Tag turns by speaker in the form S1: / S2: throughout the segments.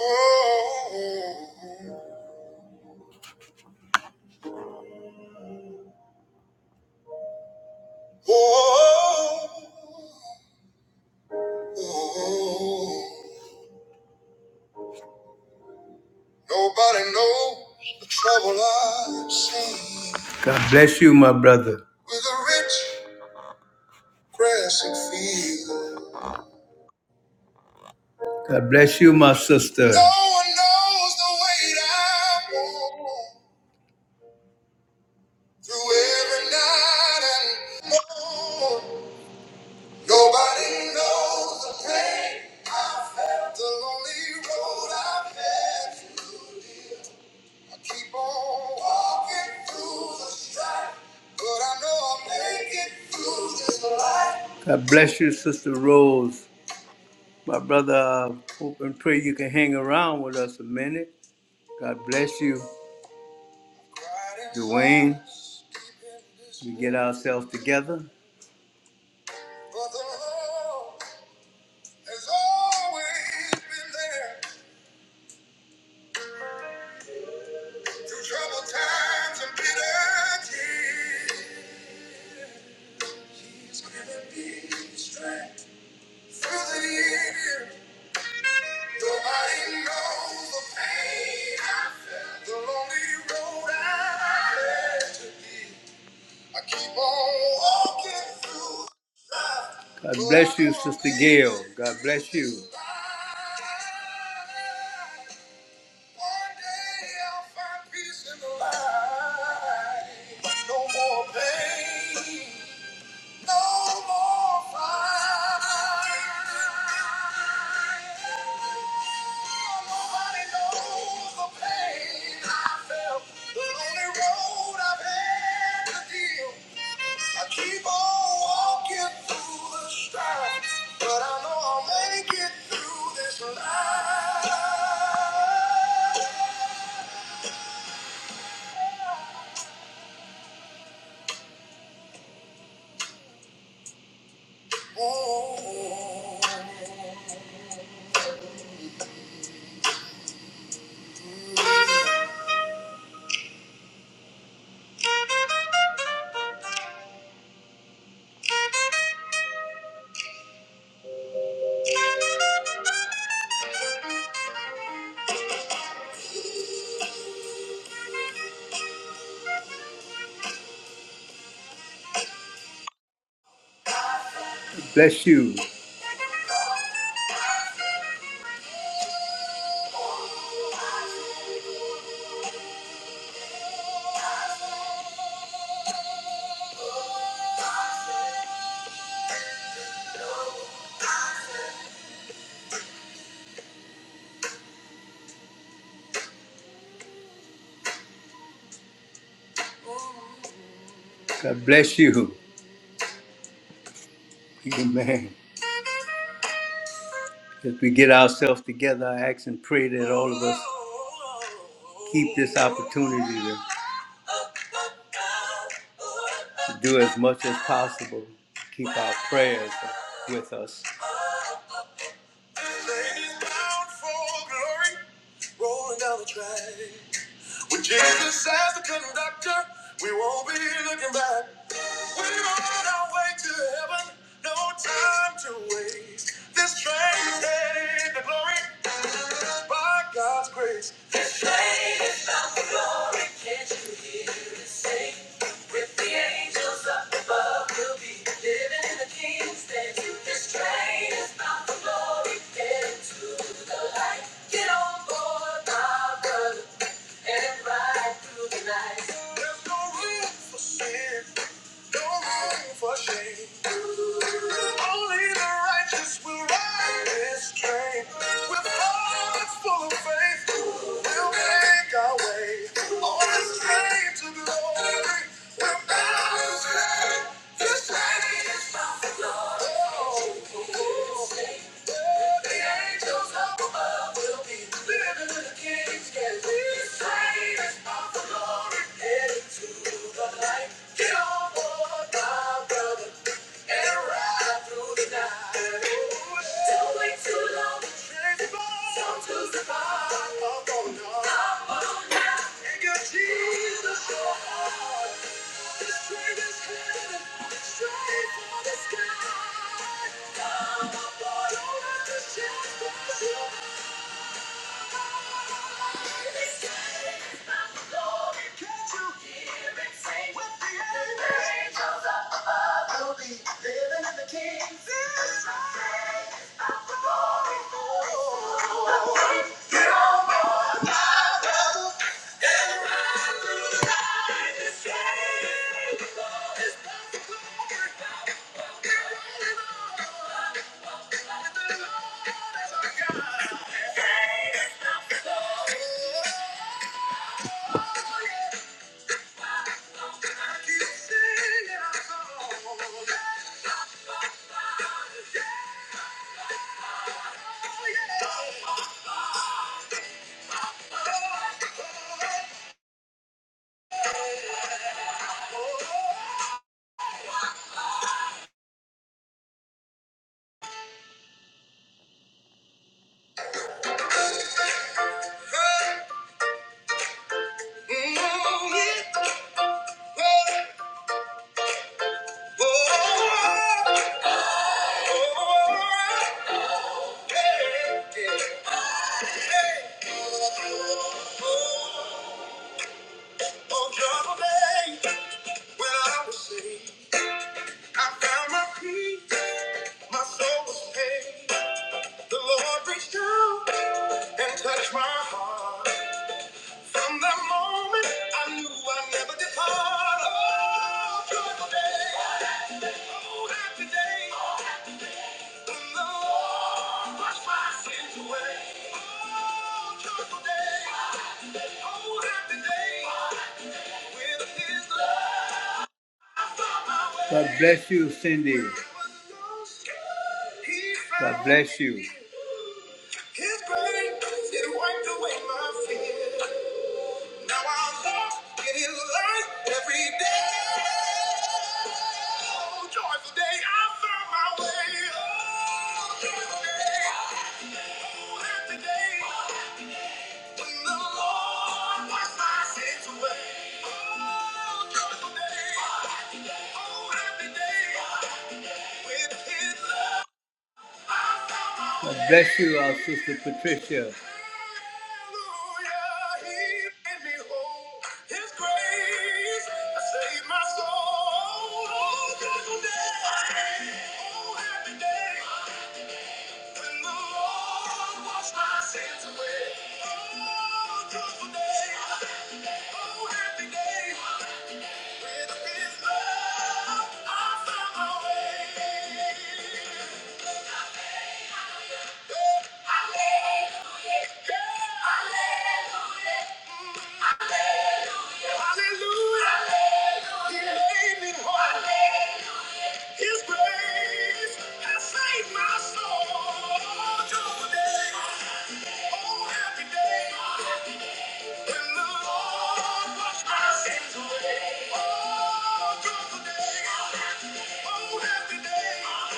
S1: Nobody knows the trouble I've seen. God bless you, my brother. With a rich grassy field. God bless you, my sister. No one knows the weight I walk through every night and morn. Nobody knows the pain I felt, the lonely road I've had. to live. I keep on walking through the strife, but I know I'll make it through this life. God bless you, Sister Rose. My brother, I hope and pray you can hang around with us a minute. God bless you, Dwayne. We get ourselves together. But the Lord has always been there. Through troubled times and bitter tears. He's given me strength through the years. Nobody knows the pain I felt, the lonely road I had to be. I keep on walking through. life. God bless you, Sister Gail. God bless you. One day I'll find peace in the light. No more pain. No more fight. Nobody knows the pain I felt. The lonely road I've had to deal. I keep on walking through the strife. But I know I'll make it through this life. Bless you. God bless you. Amen. As we get ourselves together, I ask and pray that all of us keep this opportunity to do as much as possible. Keep our prayers with us. Ladies bound for glory, rolling down the track. With Jesus as the conductor, we won't be looking back. We're on our way to heaven, no time to waste. This train's headed to glory. By God's grace, this flame is bound for glory. Can't you hear it sing? With the angels up above, we'll be living in the King's land. This train is bound for glory. Get into the light. Get on board, my brother, and ride through the night. There's no room for sin, no room for shame. Only the righteous will ride this train. With hearts full of faith, we'll make our way. On this train to glory, we're bound to stay. This train is bound for glory. Oh, oh, oh. the angels up above will be living with the kings. Can this train is bound for glory? Headed to the light. Get on board, my brother. Come on, boy, don't have to shout. Yeah. Hey, hey, hey. On trouble day when I was saved. I found my peace, my soul was paid. The Lord reached out and touched my heart. From that moment, I knew I'd never depart. Oh, joyful day, oh, happy day. The Lord washed my sins away. Oh, joyful day, oh, happy day. With His love. God bless you, Cindy. God bless you. His great grace, it wiped away my fear. Now I walk in his light every day. Oh, joyful day, I found my way. Oh, joyful day, oh, happy day, when the Lord wiped my sins away. Oh, joyful day, oh, happy day. God bless you, our sister Patricia. Oh, happy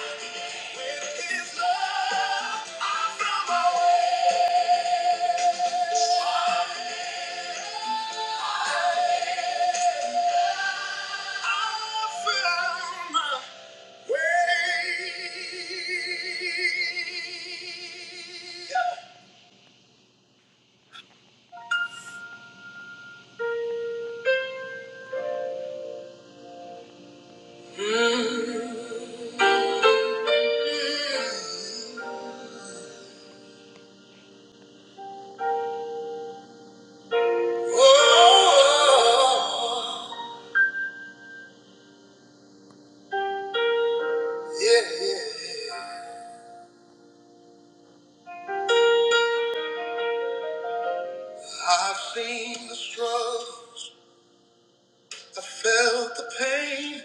S1: day. With his love, I found my way. I found my way. Oh, yeah, yeah. I've seen the struggles, I felt the pain,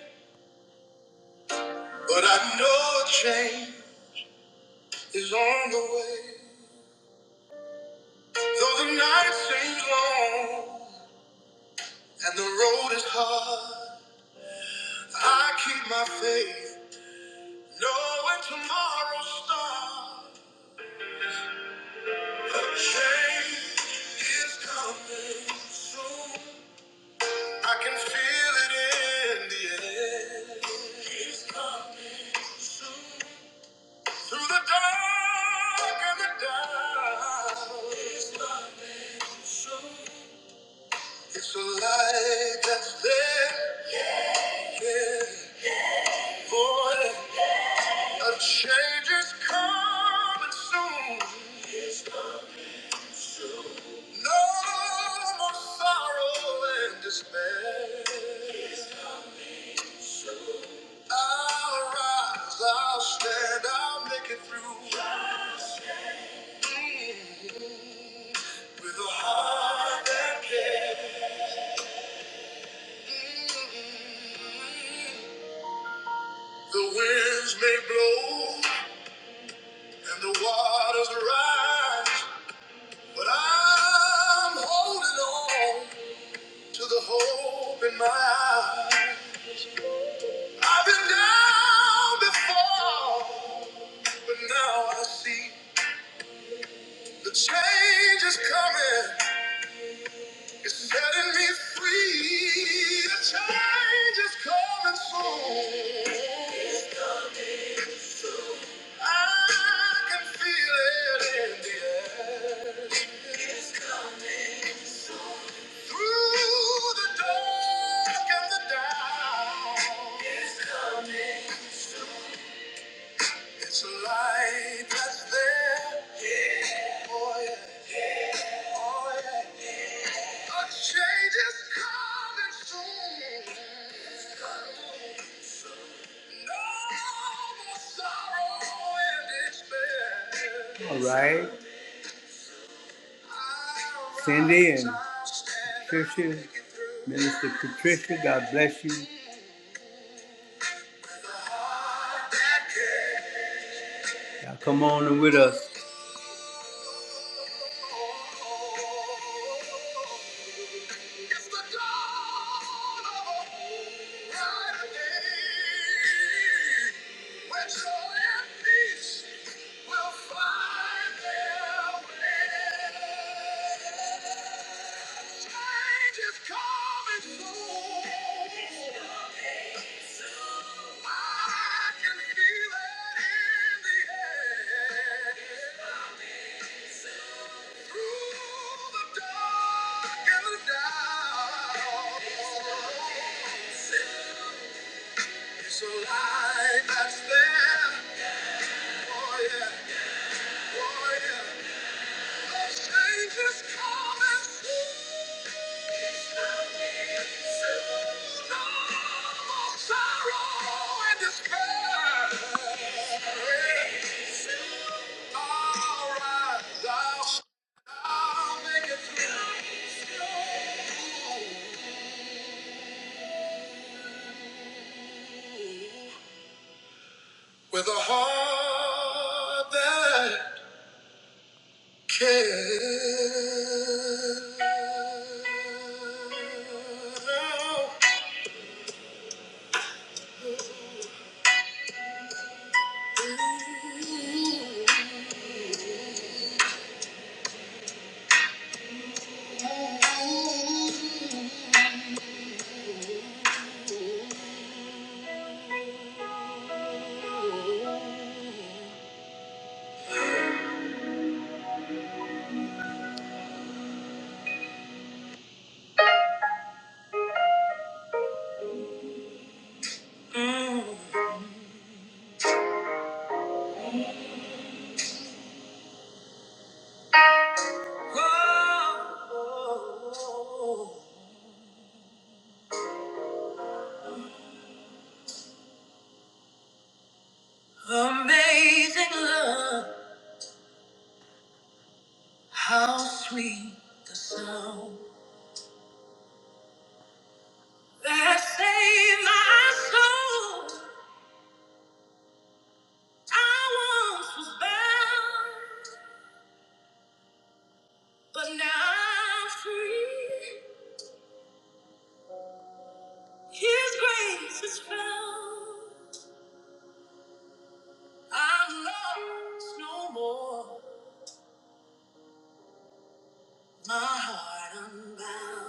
S1: but I know a change is on the way. Though the night seems long and the road is hard, I keep my faith, knowing tomorrow's star. A change is coming soon. I can feel it in the air. It's coming soon. Through the dark and the dark. It's coming soon. It's a light that's there. Yeah. Boy, a change is coming soon. No more sorrow and despair. I'll rise, I'll stand, I'll make it through. Mm, With a heart that cares. Mm, The winds may blow and the waters rise, but I'm holding on. to the hope in my eyes. I've been down before, but now I see the change is coming. It's setting me free. The change is coming soon. I can feel it in the air. Through the dark and the down. It's coming. It's a light that's there. Yeah. Oh, yeah. A change is coming soon. No All right. Cindy and Patricia, Minister Patricia, God bless you. you come on in with us. It's a light that's there. Oh yeah, oh yeah. With a heart that cares. But now free, His grace is found. I'm lost no more, my heart unbound.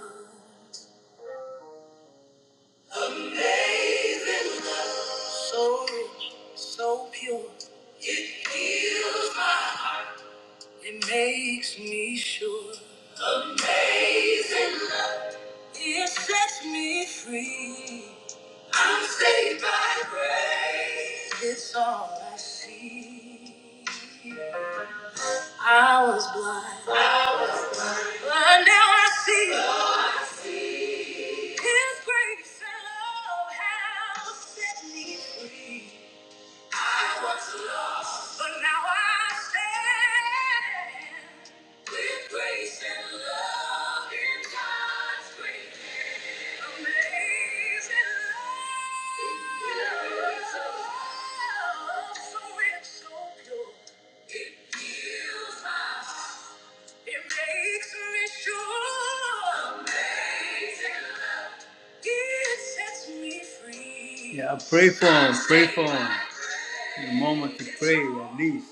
S1: So rich, so pure, it makes me sure. Amazing. It sets me free. I'm saved by grace. It's all I see. I was blind, but now I see. His grace and love have set me free. But now I stand with grace and love in God's great hand. Amazing love. Amazing love, So rich, so pure. It fills my heart. It makes me sure. Amazing love. It sets me free. Yeah, pray for him. Pray for him. A moment to pray, at least.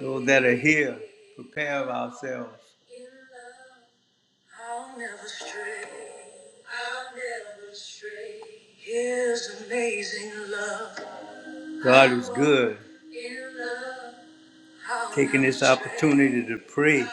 S1: Those that are here, prepare ourselves. In love, I'll never stray. I'll never stray. His amazing love. God is good. In love, taking this opportunity to pray.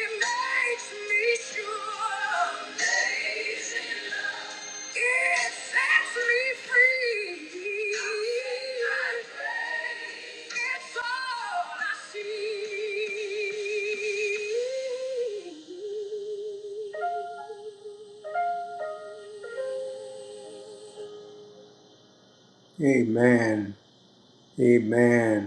S1: It makes me sure. Amazing love. It sets me free. It's all I see. Amen. Amen.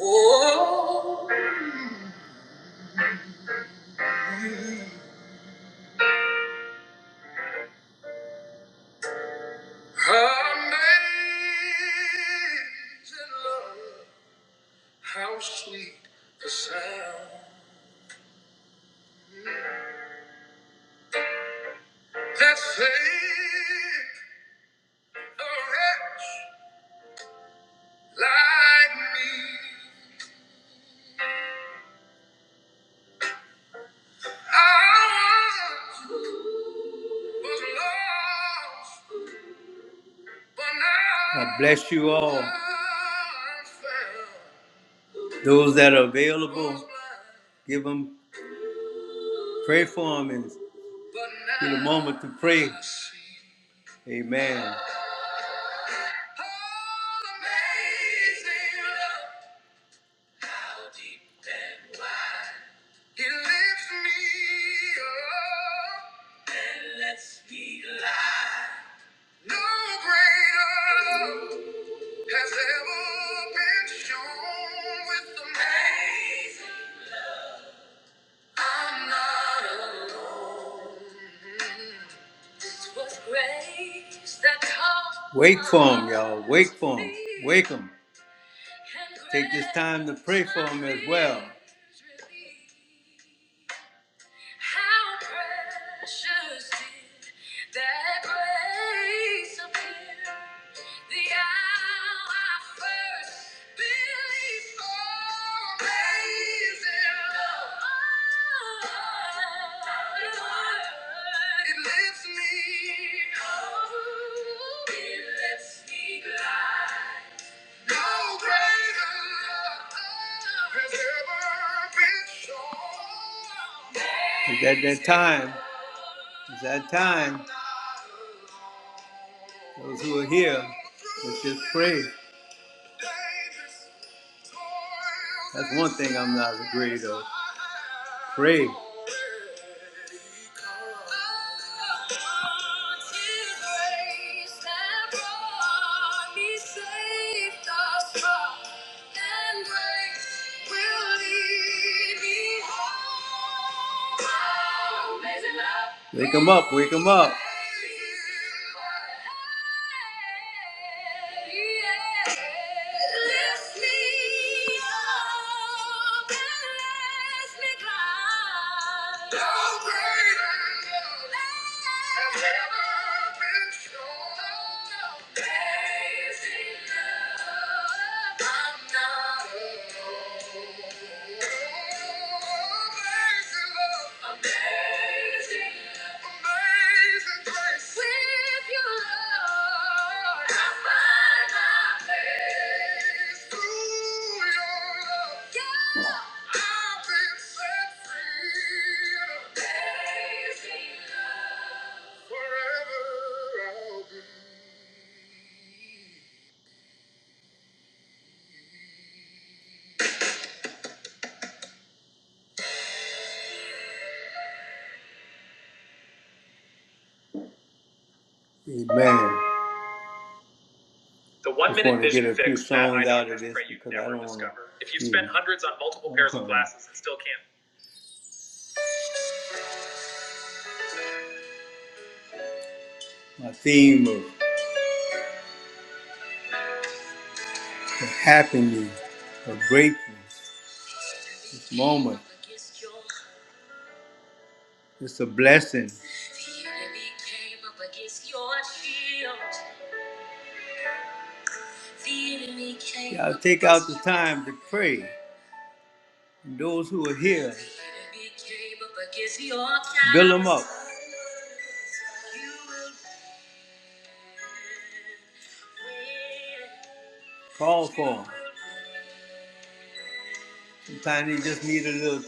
S1: Oh, amazing love, how sweet the sound that saved like I God bless you all. Those that are available, give them, pray for them, and get a moment to pray. Amen. He lifts me up. Let's be live. No greater love has ever been shown with amazing love was grace that comes. Wake for 'em, y'all. Wake for 'em. Wake 'em. Take this time to pray for 'em as well. How precious did that grace appear the hour I first believed. Oh, amazing love. It lifts me. Oh, it lifts me high. No greater love has ever been shown. It's at that time. It's that time. Those who are here, let's just pray. That's one thing I'm not afraid of. Pray. Amazing love. Wake him up, wake him up. Amen. songs out I do my theme of happiness, of gratefulness, this moment. It's a blessing. Y'all take out the time to pray. And those who are here, build them up. called for. Sometimes you just need a little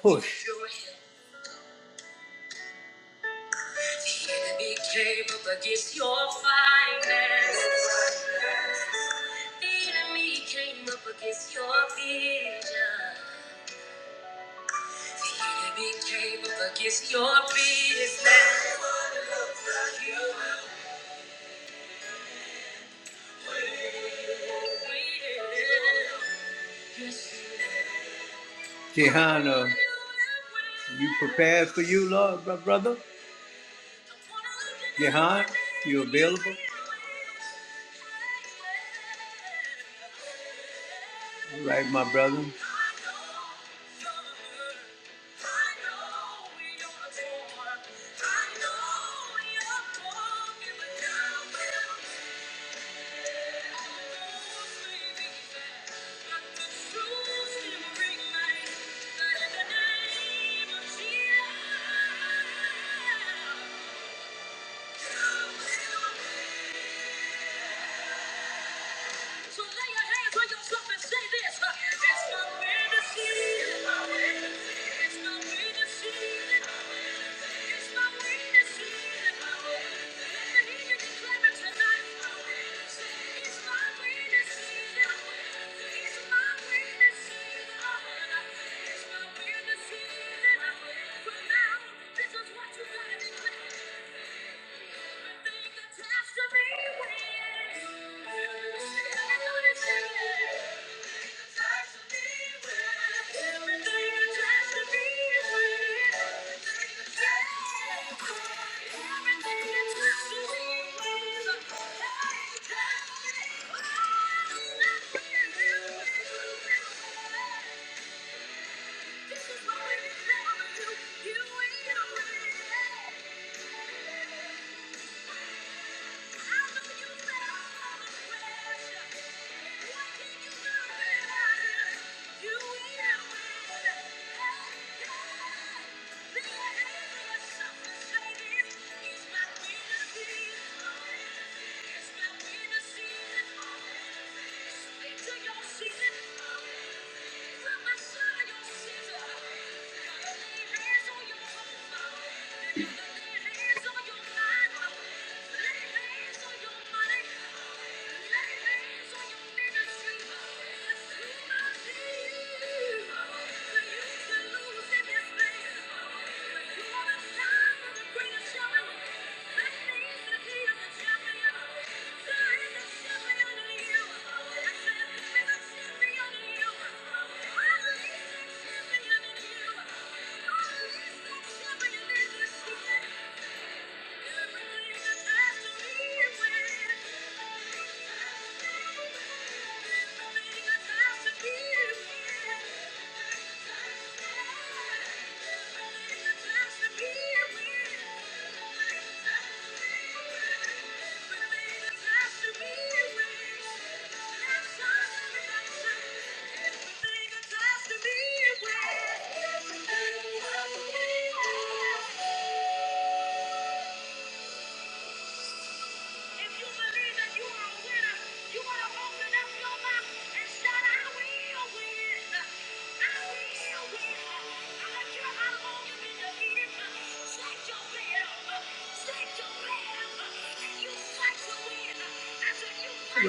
S1: push. The came up against your finances. The enemy came up against your vision. The enemy came up against your business. Jehana, you prepared for you, Lord, my brother? Jehan, you available? All right, my brother. If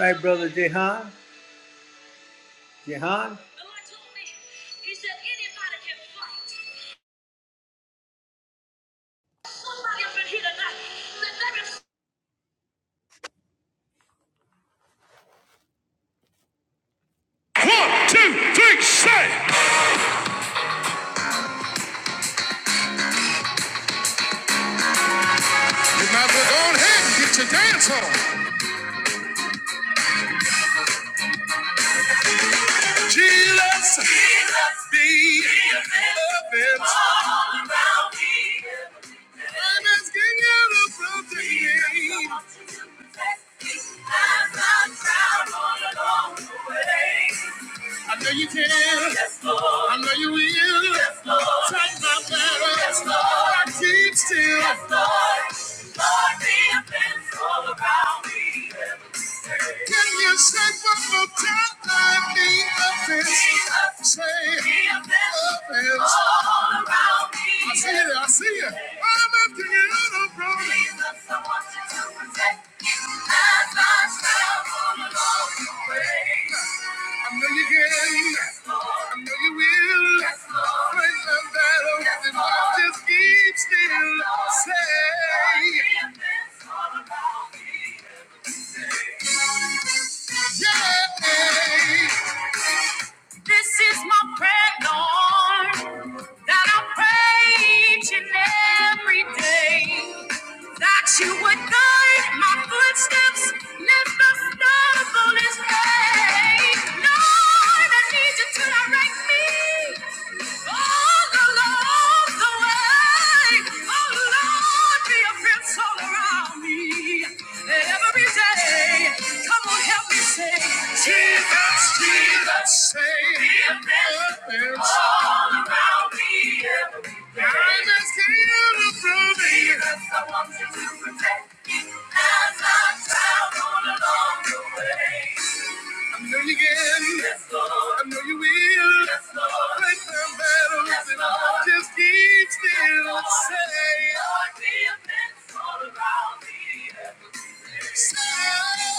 S1: Right, brother Jehan. Jehan.
S2: One, two, three, say. Now go are ahead and get your dance on. Jesus, Jesus be your man All around me. I'm asking you to protect me. I'm found ground all along the way. I know you can. Yes, Lord. I know you will. Yes, Lord. Touch my battle. Yes, Lord. I keep still. Yes, Lord. Lord, be a fence all around me. every day. Can you say one more time? I need a fence. Jesus. Say, be a fence a fence. all around me. I see it. I see it. I'm emptying it out of room. Jesus, I want you to protect you as I travel along the way. I know you can. I know you will. Fight my battles and watch keep still. Say, yay! This is my prayer, Lord, that I pray each and every day. That you would guide my footsteps, lift the stumble is Lord, I need you to direct me. Again. I know you will. Yes, Lord. Break down battles Yes, and Lord. just keep still. Yes, Lord. Say, Lord, be a fence all around me. Say, no.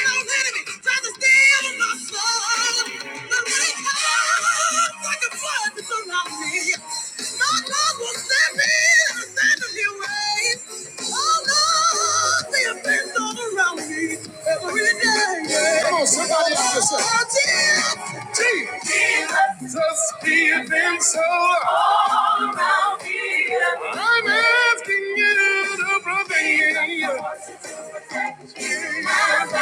S2: No enemy tries to steal my soul. My right hand, like a flood to surround me. My love will stand me. Stand in your way. It's all around Come on, somebody help yourself. Jesus, he had been so all around here. I'm asking you to prevail. I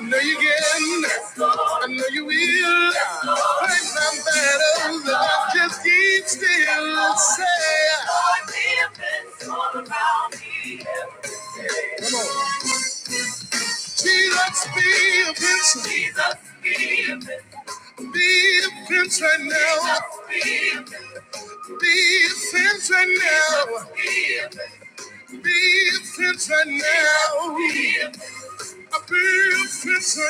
S2: know you can. I know you will. Fight my battles. Just keep still. Say, Lord, he had been so all around here. Jesus, be a prince. Jesus, be a prince. Be a prince right now. Jesus, be a prince. Be a prince right now. Jesus, be a Be offensive now. Be offensive.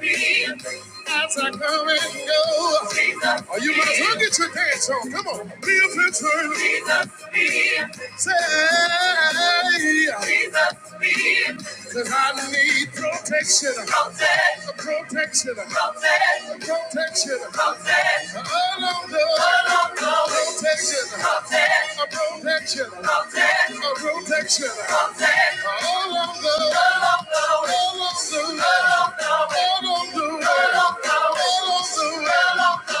S2: be now. As I come and go, oh, you might as well get your dance on. Come on, be a fencer. Say, Be Cause I need protection. Protect. Protection. Protect. Protection. Protect. Oh, no, no. Oh, no, no. Protection. Protect. A protection. Protect. A protection. Protect. Oh, no, no. Oh, no, no. Oh, no, no. Oh, no, no. Oh, no,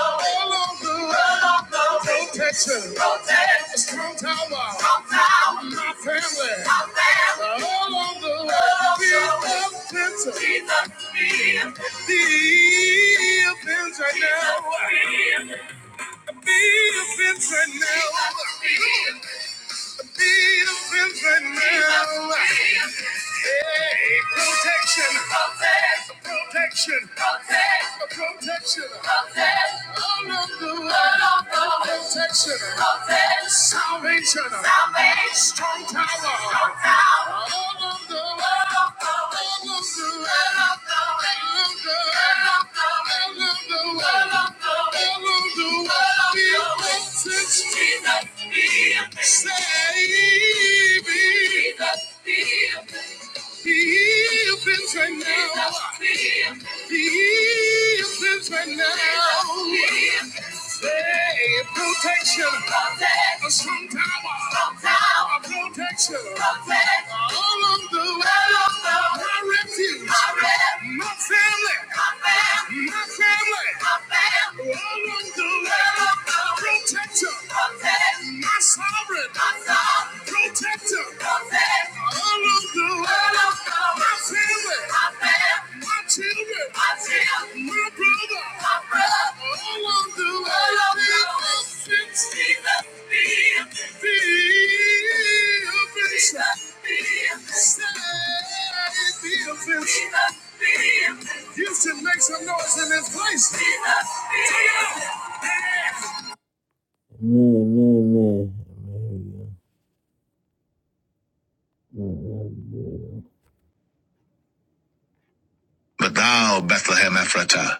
S2: no. Oh, no, no. Protection. Protection. Strong tower family, family. all on the defensive. Be a fence right now. Be a fence right now. Be a fence right now. Hey, protection. Protect. Protection. Protect. Protection. Protect. All of the All of the protection. Protect. Salvation. Salvation. Strong tower. Strong tower. All of the All of the All of the All of the All of the All of the All of the All of the All of the All of the All of the Say, be offense right now. Be offense right now. Say protection. A strong tower. A protection. All of the way. My refuge. My family. My family. All of the way. Protector, my sovereign, protector, all of the world, my family, my children, my brother, all of the world, fix me, be a fence. Houston, make some noise in this place. Amen. But thou, Bethlehem Ephratah,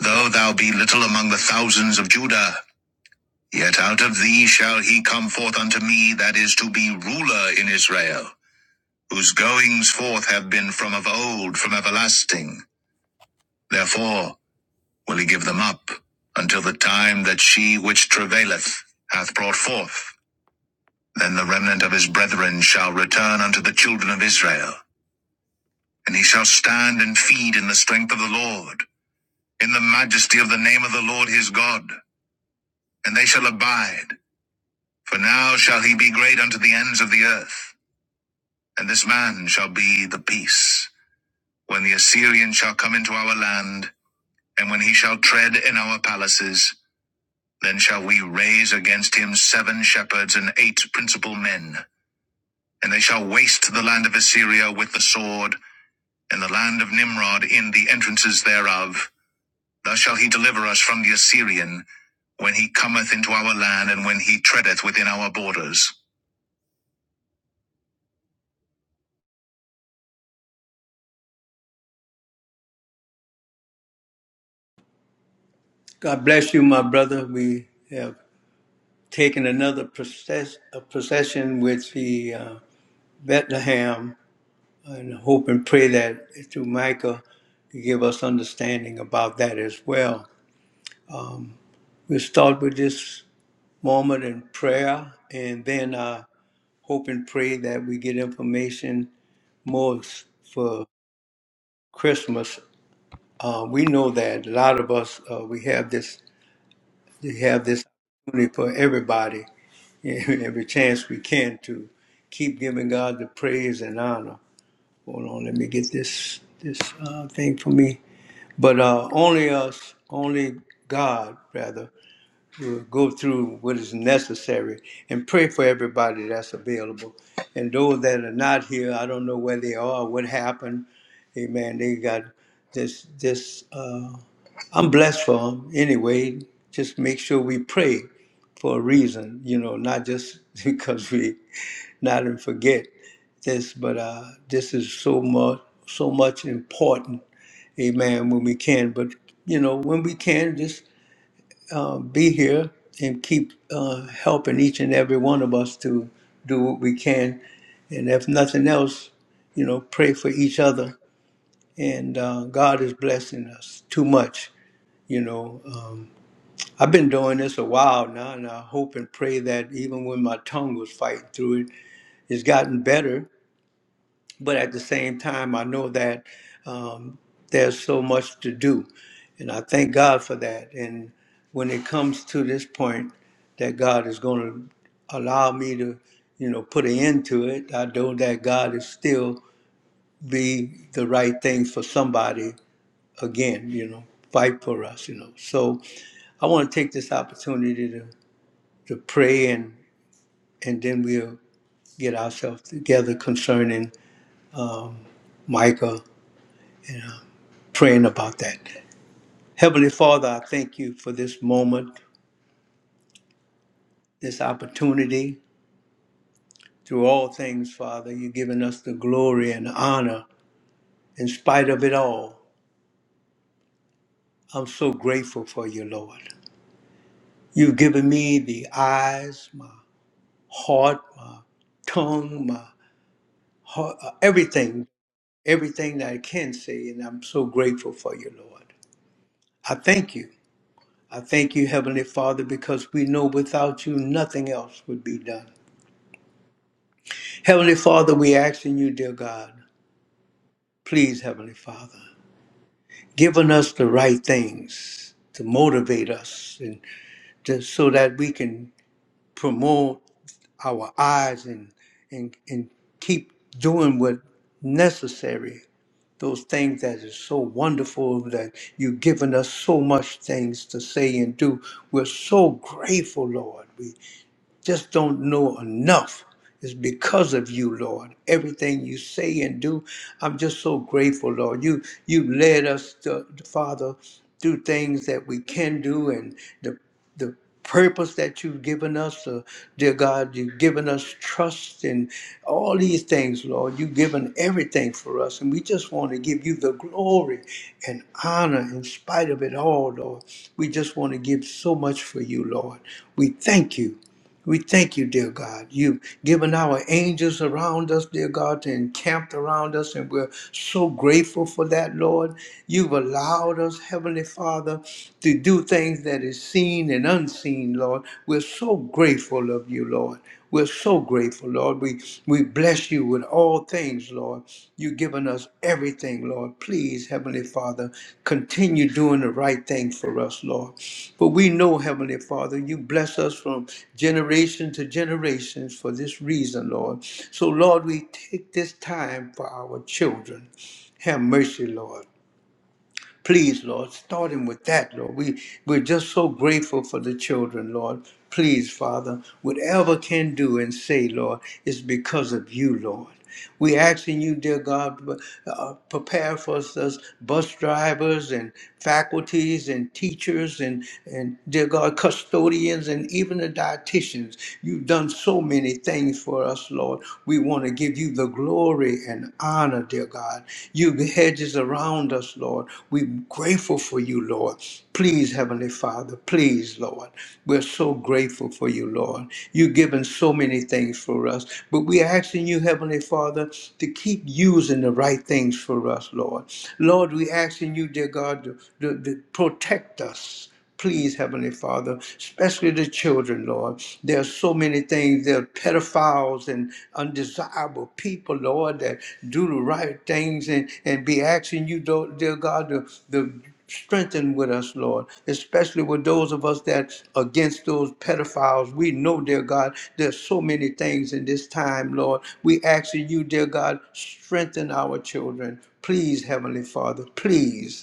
S2: though thou be little among the thousands of Judah, yet out of thee shall he come forth unto me that is to be ruler in Israel, whose goings forth have been from of old, from everlasting. Therefore will he give them up, until the time that she which travaileth hath brought forth. Then the remnant of his brethren shall return unto the children of Israel, and he shall stand and feed in the strength of the Lord in the majesty of the name of the Lord his God. and they shall abide. For now shall he be great unto the ends of the earth, and this man shall be the peace. When the Assyrian shall come into our land, and when he shall tread in our palaces, then shall we raise against him seven shepherds and eight principal men, and they shall waste the land of Assyria with the sword, and the land of Nimrod in the entrances thereof. Thus shall he deliver us from the Assyrian, when he cometh into our land, and when he treadeth within our borders.
S1: God bless you, my brother. We have taken another process, a procession with the uh, Bethlehem. and hope and pray that through Micah, you give us understanding about that as well. We'll start with this moment in prayer and then I hope and pray that we get information more for Christmas. Uh, we know that a lot of us, uh, we have this, we have this opportunity for everybody, every chance we can to keep giving God the praise and honor. Hold on, let me get this, this uh, thing for me. But uh, only us, only God, rather, will go through what is necessary and pray for everybody that's available. And those that are not here, I don't know where they are, what happened. Amen. They got this. This uh, I'm blessed for them anyway. Just make sure we pray for a reason, you know, not just because we not and forget this, but uh, this is so much, so much important Amen. When we can, but you know, when we can, just uh, be here and keep uh, helping each and every one of us to do what we can, and if nothing else, you know, pray for each other. And uh, God is blessing us too much. You know, um, I've been doing this a while now, and I hope and pray that even when my tongue was fighting through it, it's gotten better but at the same time, I know that um, there's so much to do, and I thank God for that. And when it comes to this point, that God is going to allow me to, you know, put an end to it. I know that God is still be the right thing for somebody again, you know, fight for us, you know. So I want to take this opportunity to to pray and and then we'll get ourselves together concerning um, Micah. You know, praying about that. Heavenly Father, I thank you for this moment, this opportunity. Through all things, Father, you've given us the glory and honor in spite of it all. I'm so grateful for you, Lord. You've given me the eyes, my heart, my tongue, my heart, uh, everything, everything that I can say, and I'm so grateful for you, Lord. I thank you. I thank you, Heavenly Father, because we know without you nothing else would be done. Heavenly Father, we ask in you, dear God, please, Heavenly Father, giving us the right things to motivate us and just so that we can promote our eyes and and and keep doing what necessary. Those things that is so wonderful that you've given us so much things to say and do. We're so grateful, Lord. We. just don't know enough. It's because of you, Lord. Everything you say and do, I'm just so grateful, Lord. You you led us, to, Father, through things that we can do and the the purpose that you've given us, uh, dear God. You've given us trust and all these things, Lord. You've given everything for us, and we just want to give you the glory and honor in spite of it all, Lord. We just want to give so much for you, Lord. We thank you. We thank you, dear God. You've given our angels around us, dear God, to encamp around us, and we're so grateful for that, Lord. You've allowed us, Heavenly Father, to do things that is seen and unseen, Lord. We're so grateful of you, Lord. We're so grateful, Lord. We we bless you with all things, Lord. You've given us everything, Lord. Please, Heavenly Father, continue doing the right thing for us, Lord. For we know, Heavenly Father, you bless us from generation to generation for this reason, Lord. So, Lord, we take this time for our children. Have mercy, Lord. Please, Lord, starting with that, Lord. We, we're just so grateful for the children, Lord. Please, Father, whatever can do and say, Lord, is because of you, Lord. We asking you, dear God, uh, prepare for us as bus drivers and faculties and teachers and, and, dear God, custodians and even the dietitians. You've done so many things for us, Lord. We want to give you the glory and honor, dear God. You hedges around us, Lord. We're grateful for you, Lord. Please, Heavenly Father, please, Lord. We're so grateful for you, Lord. You've given so many things for us, but we're asking you, Heavenly Father, to keep using the right things for us, Lord. Lord, we're asking you, dear God, to, to to protect us Please, Heavenly Father, especially the children, Lord. There are so many things. There are pedophiles and undesirable people, Lord, that do the right things and, and be asking you, do- dear God, to, to strengthen with us, Lord, especially with those of us that against those pedophiles. We know, dear God, there's so many things in this time, Lord. We asking you, dear God, strengthen our children. Please, Heavenly Father, please.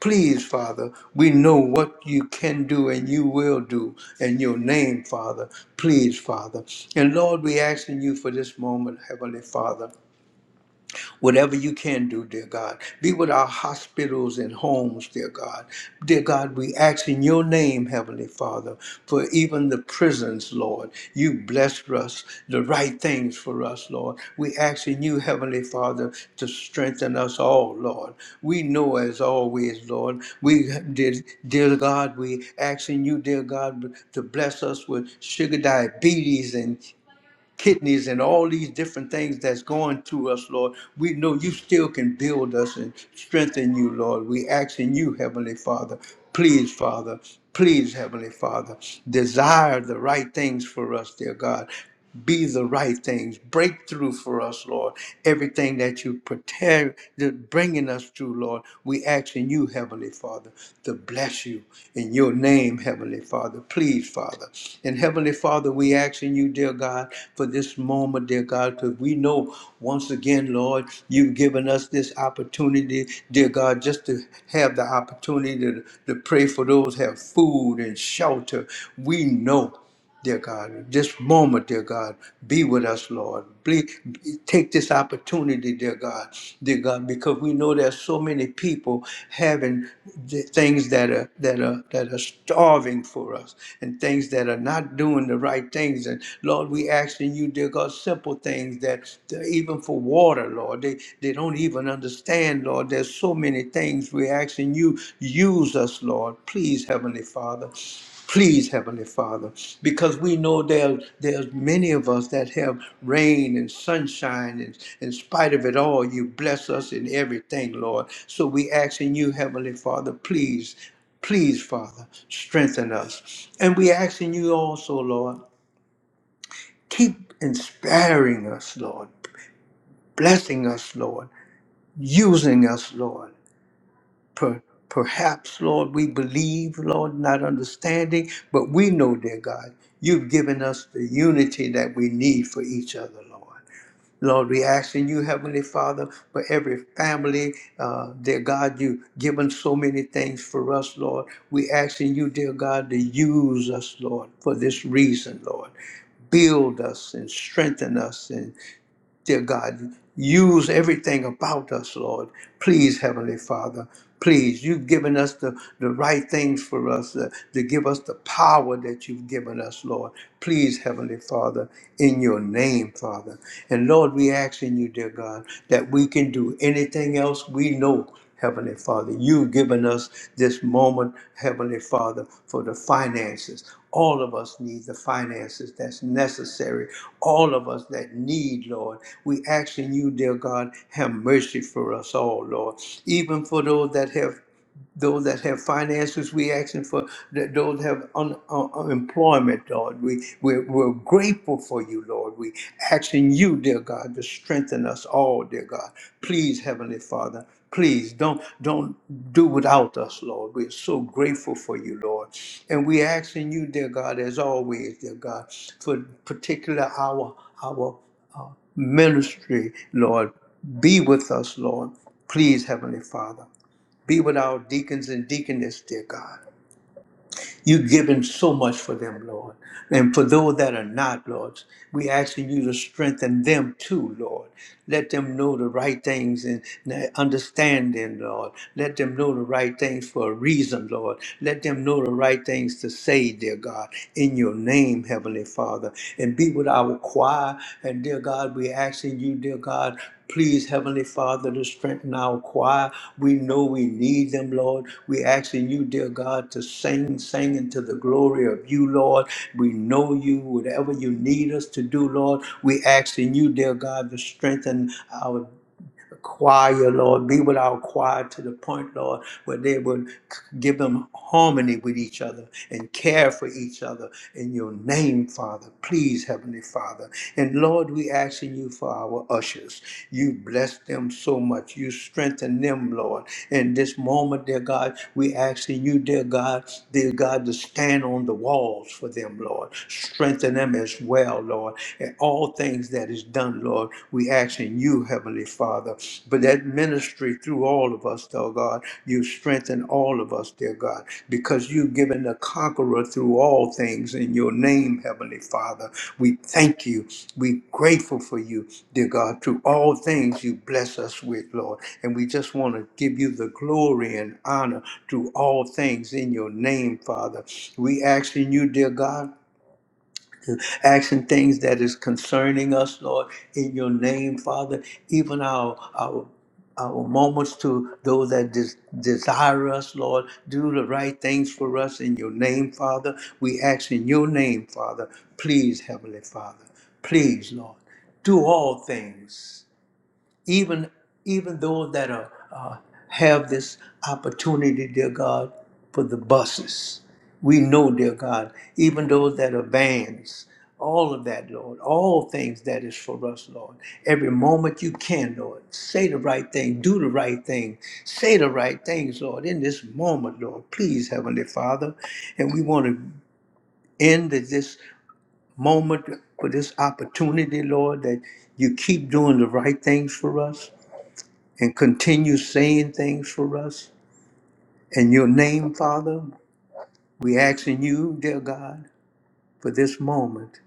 S1: Please, Father, we know what you can do and you will do in your name, Father. Please, Father. And Lord, we asking you for this moment, Heavenly Father. Whatever you can do, dear God. Be with our hospitals and homes, dear God. Dear God, we ask in your name, Heavenly Father, for even the prisons, Lord. You blessed us the right things for us, Lord. We ask in you, Heavenly Father, to strengthen us all, Lord. We know as always, Lord, we did, dear God, we ask in you, dear God, to bless us with sugar diabetes and kidneys and all these different things that's going to us, Lord. We know you still can build us and strengthen you, Lord. We ask in you, Heavenly Father, please, Father, please, Heavenly Father, desire the right things for us, dear God. Be the right things, breakthrough for us, Lord. Everything that you prepare, that bringing us through, Lord. We ask in you, Heavenly Father, to bless you in your name, Heavenly Father. Please, Father. And Heavenly Father, we ask in you, dear God. God, for this moment, dear God, because we know once again, Lord, you've given us this opportunity, dear God, just to have the opportunity to, to pray for those who have food and shelter. We know dear God. This moment, dear God, be with us, Lord. Please take this opportunity, dear God, dear God, because we know there's so many people having th- things that are that are that are starving for us and things that are not doing the right things things. And Lord, we asking you, dear God, simple things that that even for water, Lord, they, they don't even understand, Lord. There's so many things we asking you, use us, Lord. Please, Heavenly Father. Please, Heavenly Father, because we know there, there's many of us that have rain and sunshine, and in spite of it all, you bless us in everything, Lord. So we asking you, Heavenly Father, please, please, Father, strengthen us. And we asking you also, Lord, Keep inspiring us, Lord, blessing us, Lord, using us, Lord. Per- perhaps, Lord, we believe, Lord, not understanding, but we know, dear God, you've given us the unity that we need for each other, Lord. Lord, we ask in you, Heavenly Father, for every family, uh, dear God, you've given so many things for us, Lord. We ask in you, dear God, to use us, Lord, for this reason, Lord build us and strengthen us and. Dear God, use everything about us, Lord. Please, Heavenly Father, please, you've given us the, the right things for us uh, to give us the power that you've given us, Lord. Please, Heavenly Father, in your name, Father. And Lord, we ask in you, dear God, that we can do anything else we know. Heavenly Father, you've given us this moment, Heavenly Father, for the finances. All of us need the finances that's necessary all of us that need, Lord. We ask in you, dear God, have mercy for us all, Lord. Even for those that have those that have finances, we asking for that those have un, un, unemployment, Lord. We we're, we're grateful for you, Lord. We asking you, dear God, to strengthen us all, dear God. Please, Heavenly Father. Please don't don't do without us, Lord. We're so grateful for you, Lord, and we asking you, dear God, as always, dear God, for particular our our uh, ministry, Lord. Be with us, Lord. Please, Heavenly Father. Be with our deacons and deaconess, dear God. You've given so much for them, Lord. And for those that are not, Lord, we asking you to strengthen them too, Lord. Let them know the right things and the understanding, Lord. Let them know the right things for a reason, Lord. Let them know the right things to say, dear God, in your name, Heavenly Father. And be with our choir. And dear God, we asking you, dear God, Please, Heavenly Father, to strengthen our choir. We know we need them, Lord. We asking you, dear God, to sing, sing into the glory of you, Lord. We know you, whatever you need us to do, Lord. We asking you, dear God, to strengthen our choir, Lord. Be with our choir to the point, Lord, where they would give them harmony with each other and care for each other in your name, Father. Please, Heavenly Father. And Lord, we asking you for our ushers. You bless them so much. You strengthen them, Lord. In this moment, dear God, we asking you, dear God, dear God, to stand on the walls for them, Lord. Strengthen them as well, Lord. And all things things that is done, Lord. We ask in you, Heavenly Father. But that ministry through all of us, though, God, you strengthen all of us, dear God, because you've given the conqueror through all things in your name, Heavenly Father. We thank you. We're grateful for you, dear God. Through all things you bless us with, Lord. And we just want to give you the glory and honor through all things in your name, Father. We ask in you, dear God asking things that is concerning us, Lord, in your name, Father, even our our our moments to those that des- desire us, Lord. Do the right things for us in your name, Father. We ask in your name, Father. Please, Heavenly Father. Please, Lord. Do all things even even those that are uh, have this opportunity, dear God, for the buses. We know, dear God, even those that are vans, all of that, Lord, all things that is for us, Lord. Every moment you can, Lord, say the right thing, do the right thing, say the right things, Lord, in this moment, Lord. Please, Heavenly Father, and we want to end at this moment for this opportunity, Lord, that you keep doing the right things for us and continue saying things for us. In your name, Father, we ask in you, dear God, for this moment.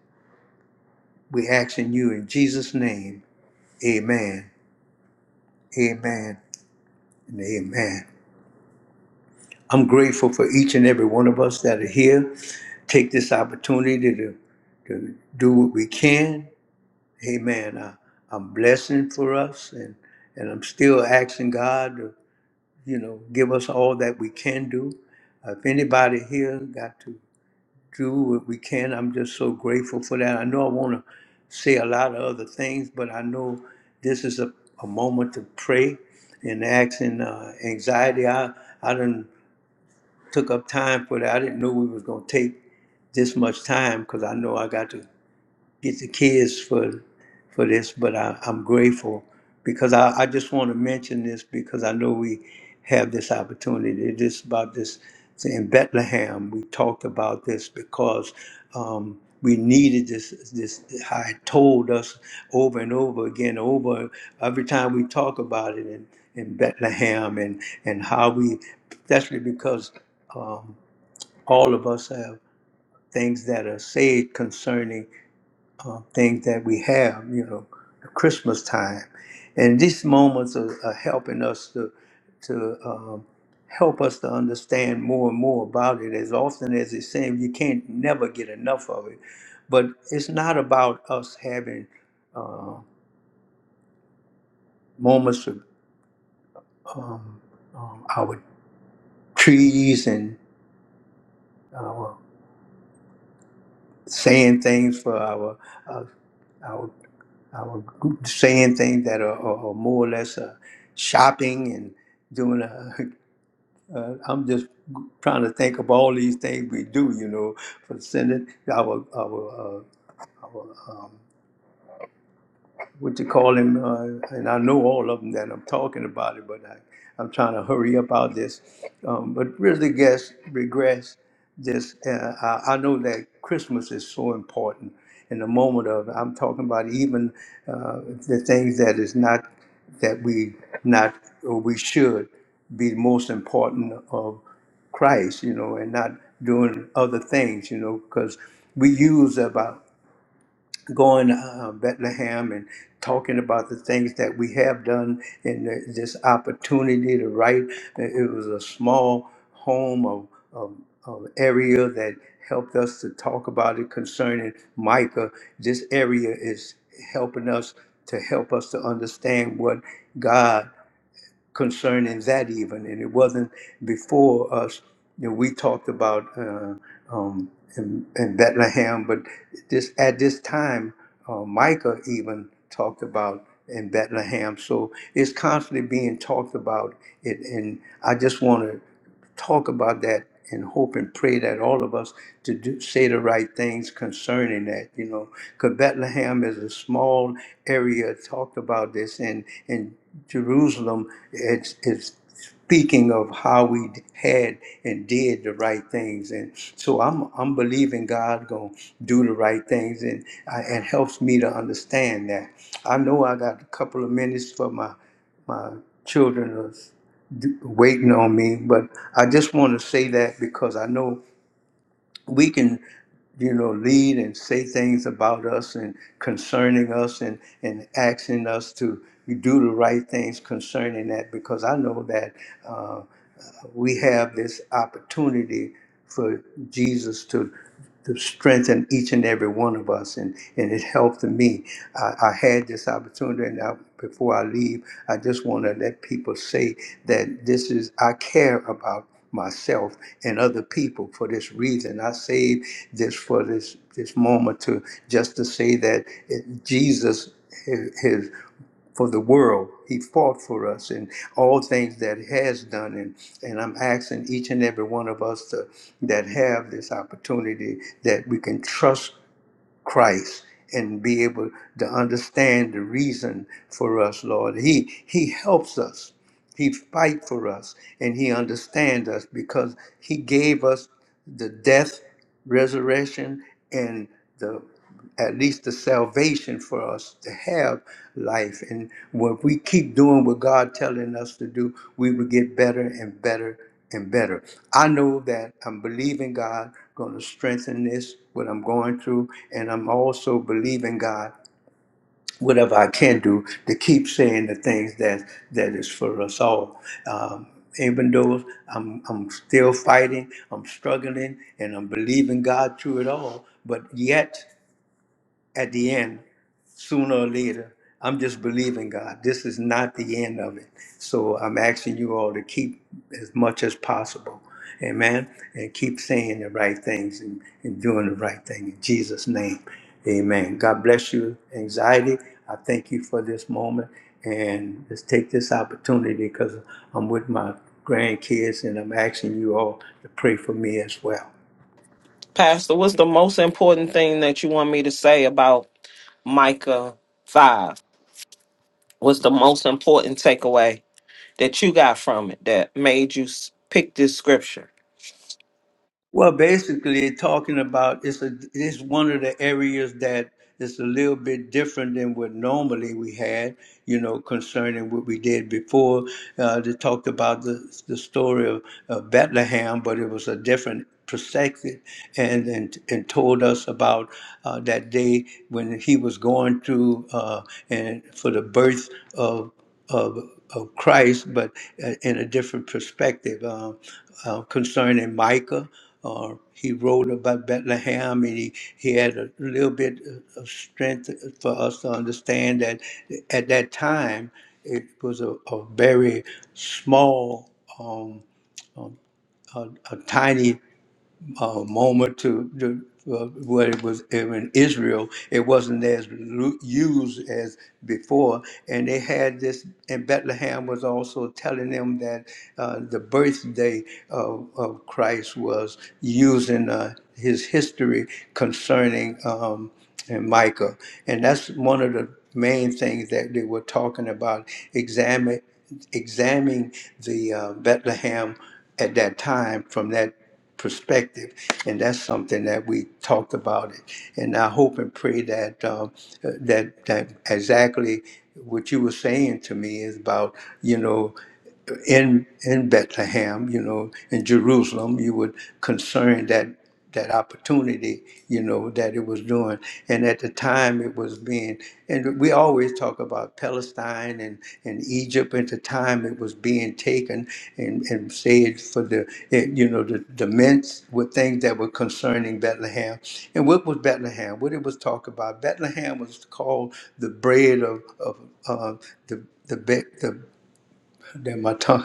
S1: We ask in you in Jesus' name. Amen. Amen. And amen. I'm grateful for each and every one of us that are here. Take this opportunity to, to do what we can. Amen. I, I'm blessing for us and, and I'm still asking God to, you know, give us all that we can do. If anybody here got to do what we can. I'm just so grateful for that. I know I want to say a lot of other things, but I know this is a, a moment to pray and ask in uh, anxiety. I, I didn't took up time for that. I didn't know we was going to take this much time because I know I got to get the kids for for this, but I, I'm grateful because I, I just want to mention this because I know we have this opportunity. This about this in Bethlehem. We talked about this because um, we needed this. This how it told us over and over again, over every time we talk about it in, in Bethlehem and and how we, especially because um, all of us have things that are said concerning uh, things that we have, you know, Christmas time. And these moments are, are helping us to, to um, help us to understand more and more about it. As often as it seems, you can't never get enough of it. But it's not about us having uh, moments of um, um, our trees and our saying things for our uh, our our group saying things that are, are, are more or less uh, shopping and doing a. Uh, I'm just trying to think of all these things we do, you know, for sending our our uh, our. um, what you call him, uh, and I know all of them that I'm talking about it, but I, I'm trying to hurry up out this. Um, but really, guess regress. This uh, I, I know that Christmas is so important in the moment of. I'm talking about even uh, the things that is not that we not or we should be most important of Christ, you know, and not doing other things, you know, because we use about going uh, Bethlehem and talking about the things that we have done and the, this opportunity to write. It was a small home of, of, of area that helped us to talk about it concerning Micah. This area is helping us to help us to understand what God concerning that even, and it wasn't before us. You know, we talked about uh, um, in, in Bethlehem, but this at this time, uh, Micah even talked about in Bethlehem. So it's constantly being talked about it, and I just want to talk about that and hope and pray that all of us to do, say the right things concerning that you know because bethlehem is a small area talked about this and in jerusalem it's, it's speaking of how we had and did the right things. And so I'm, I'm believing God going to do the right things. And I, it helps me to understand that. I know I got a couple of minutes for my, my children are s- d- waiting on me, but I just want to say that because I know we can you know lead and say things about us and concerning us and and asking us to do the right things concerning that because i know that uh, we have this opportunity for Jesus to, to strengthen each and every one of us, and, and it helped me. I, I had this opportunity, and I, before I leave, I just want to let people say that this is, I care about myself and other people for this reason. I saved this for this this moment to just to say that it, Jesus. his, for the world. He fought for us and all things that he has done. And, and I'm asking each and every one of us to, that have this opportunity that we can trust Christ and be able to understand the reason for us, Lord. He, he helps us. He fight for us and he understands us because he gave us the death, resurrection, and the at least the salvation for us to have life. And when we keep doing what God telling us to do, we will get better and better and better. I know that I'm believing God going to strengthen this, what I'm going through, and I'm also believing God whatever I can do to keep saying the things that that is for us all. Um, even though I'm I'm still fighting, I'm struggling, and I'm believing God through it all, but yet at the end, sooner or later, I'm just believing God. This is not the end of it. So I'm asking you all to keep as much as possible. Amen. And keep saying the right things and, and doing the right thing in Jesus' name. Amen. God bless you, anxiety. I thank you for this moment. And let's take this opportunity because I'm with my grandkids and I'm asking you all to pray for me as well.
S3: Pastor, what's the most important thing that you want me to say about Micah 5? What's the most important takeaway that you got from it that made you s- pick this scripture?
S1: Well, basically, talking about it's a it's one of the areas that is a little bit different than what normally we had. You know, concerning what we did before, uh, they talked about the the story of, of Bethlehem, but it was a different perspective, and and and told us about uh, that day when he was going through uh, and for the birth of of of Christ, but uh, in a different perspective. Um, uh, concerning Micah. Uh, he wrote about Bethlehem, and he, he had a little bit of strength for us to understand that at that time it was a, a very small, um, um, a, a tiny uh, moment to, to uh, what it was in Israel. It wasn't as lu- used as before, and they had this. And Bethlehem was also telling them that uh, the birthday of, of Christ was using uh, his history concerning um, and Micah, and that's one of the main things that they were talking about. Examine examining the uh, Bethlehem at that time from that perspective, and that's something that we talked about it. And I hope and pray that um, uh, that that exactly what you were saying to me is about. You know, in in Bethlehem, you know, in Jerusalem, you would concern that that opportunity, you know, that it was doing. And at the time it was being and we always talk about Palestine and, and Egypt at the time it was being taken and, and saved for the it, you know the, the mints were things that were concerning Bethlehem. And what was Bethlehem? What it was talk about? Bethlehem was called the bread of, of uh, the the, be- the than my tongue.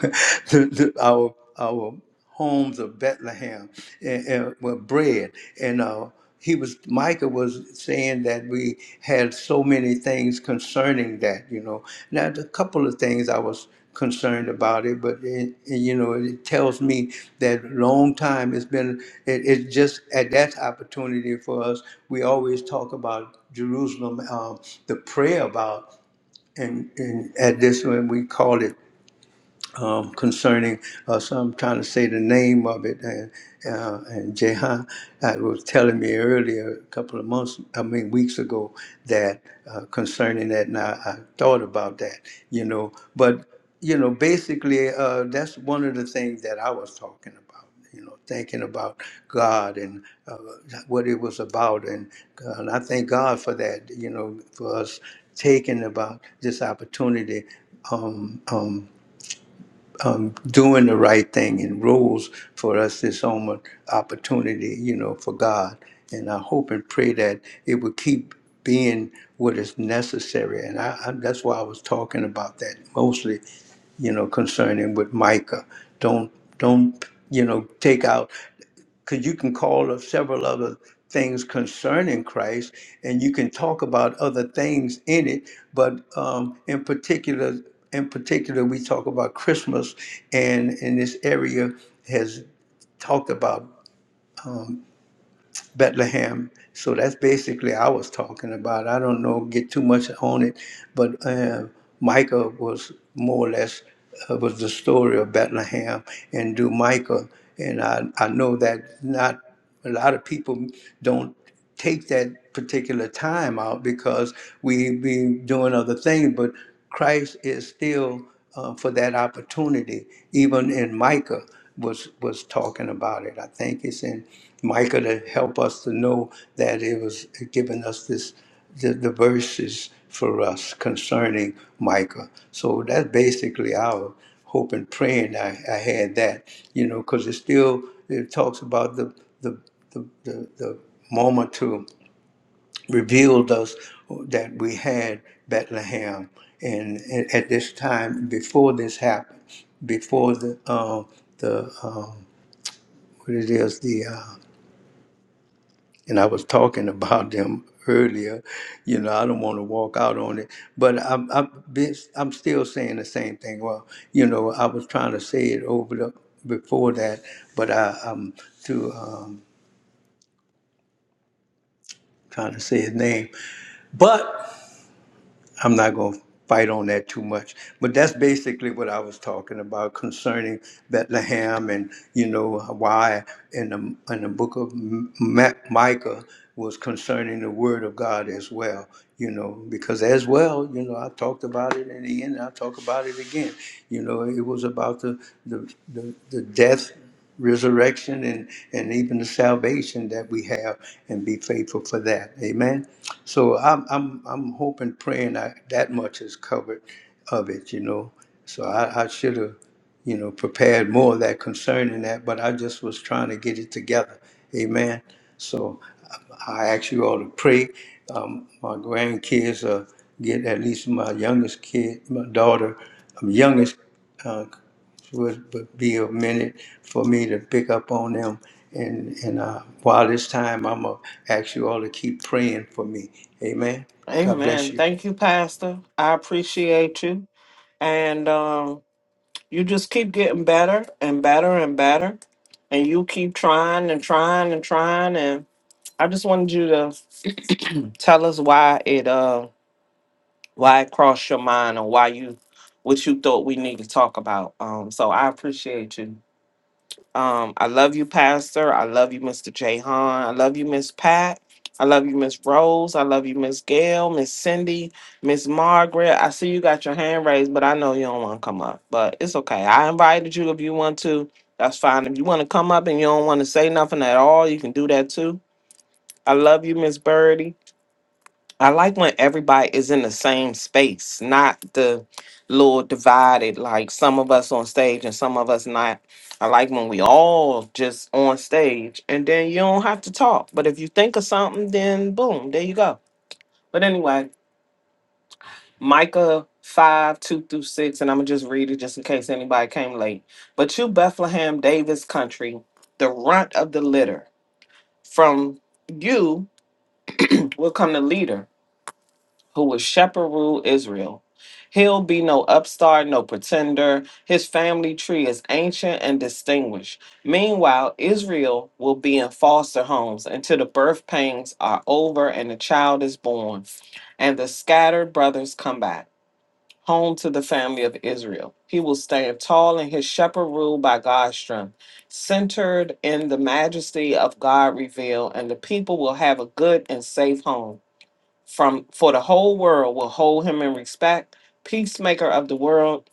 S1: the, the, our our homes of Bethlehem and, and were bread. And uh, he was Micah was saying that we had so many things concerning that. You know, now a couple of things I was concerned about it, but it, it, you know, it tells me that long time it's been. It, it's just at that opportunity for us. We always talk about Jerusalem, um, the prayer about and, and at this one we call it um, concerning uh, so I'm trying to say the name of it and uh, and Jehan uh, was telling me earlier a couple of months I mean weeks ago that uh, concerning that and I, I thought about that you know but you know basically uh, that's one of the things that I was talking about you know thinking about God and uh, what it was about and, uh, and I thank God for that you know for us taking about this opportunity um, um, um, doing the right thing and rules for us this moment opportunity, you know, for God. And I hope and pray that it will keep being what is necessary. And I, I, that's why I was talking about that mostly, you know, concerning with Micah. Don't, don't, you know, take out because you can call up several other things concerning Christ, and you can talk about other things in it. But um, in particular, in particular, we talk about Christmas, and in this area has talked about. Bethlehem. So that's basically I was talking about. I don't know get too much on it, but uh, Micah was more or less uh, was the story of Bethlehem and do Micah, and I I know that not a lot of people don't take that particular time out because we be doing other things, but Christ is still uh, for that opportunity. Even in Micah was was talking about it. I think it's in Micah to help us to know that it was giving us this the, the verses for us concerning Micah. So that's basically our hope and praying I, I had that, you know, because it still it talks about the the, the, the the moment to revealed us that we had Bethlehem, and at at this time before this happened, before the um, the um, what it is the uh, and I was talking about them earlier. You know, I don't want to walk out on it, but I'm I'm, been, I'm still saying the same thing. Well, you know, I was trying to say it over the before that, but I, I'm too um, trying to say his name. But I'm not going to fight on that too much. But that's basically what I was talking about concerning Bethlehem and, you know, why in the, in the book of M- Ma- Micah was concerning the word of God as well, you know, because as well, you know, I talked about it in the end, and I talk about it again. You know, it was about the, the, the, the death, resurrection, and, and even the salvation that we have and be faithful for that. Amen. So I'm I'm I'm hoping, praying I, that much is covered of it, you know. So I, I should have, you know, prepared more of that concerning that, but I just was trying to get it together. Amen. So I I ask you all to pray. Um, my grandkids are get at least my youngest kid, my daughter, um, youngest. uh, would, would be a minute for me to pick up on them. And, and uh, while this time, I'm going to ask you all to keep praying for me. Amen. God bless
S3: Amen.
S1: you.
S3: Thank you, Pastor. I appreciate you. And um, you just keep getting better and better and better. And you keep trying and trying and trying. And I just wanted you to tell us why it. uh, why it crossed your mind or why you what you thought we need to talk about. Um, so I appreciate you. Um, I love you, Pastor. I love you, Mr. Jahan. I love you, Miss Pat. I love you, Miss Rose. I love you, Miss Gail, Miss Cindy, Miss Margaret. I see you got your hand raised, but I know you don't want to come up. But it's okay. I invited you if you want to. That's fine. If you want to come up and you don't want to say nothing at all, you can do that too. I love you, Miss Birdie. I like when everybody is in the same space, not the little divided, like some of us on stage and some of us not. I like when we all just on stage and then you don't have to talk. But if you think of something, then boom, there you go. But anyway, Micah 5, 2 through 6, and I'm going to just read it just in case anybody came late. But you, Bethlehem, David's country, the runt of the litter, from you will come the leader who will shepherd rule Israel. He'll be no upstart, no pretender. His family tree is ancient and distinguished. Meanwhile, Israel will be in foster homes until the birth pangs are over and the child is born, and the scattered brothers come back home to the family of Israel. He will stand tall in his shepherd rule by God's strength, centered in the majesty of God revealed, and the people will have a good and safe home from for the whole world will hold him in respect, peacemaker of the world.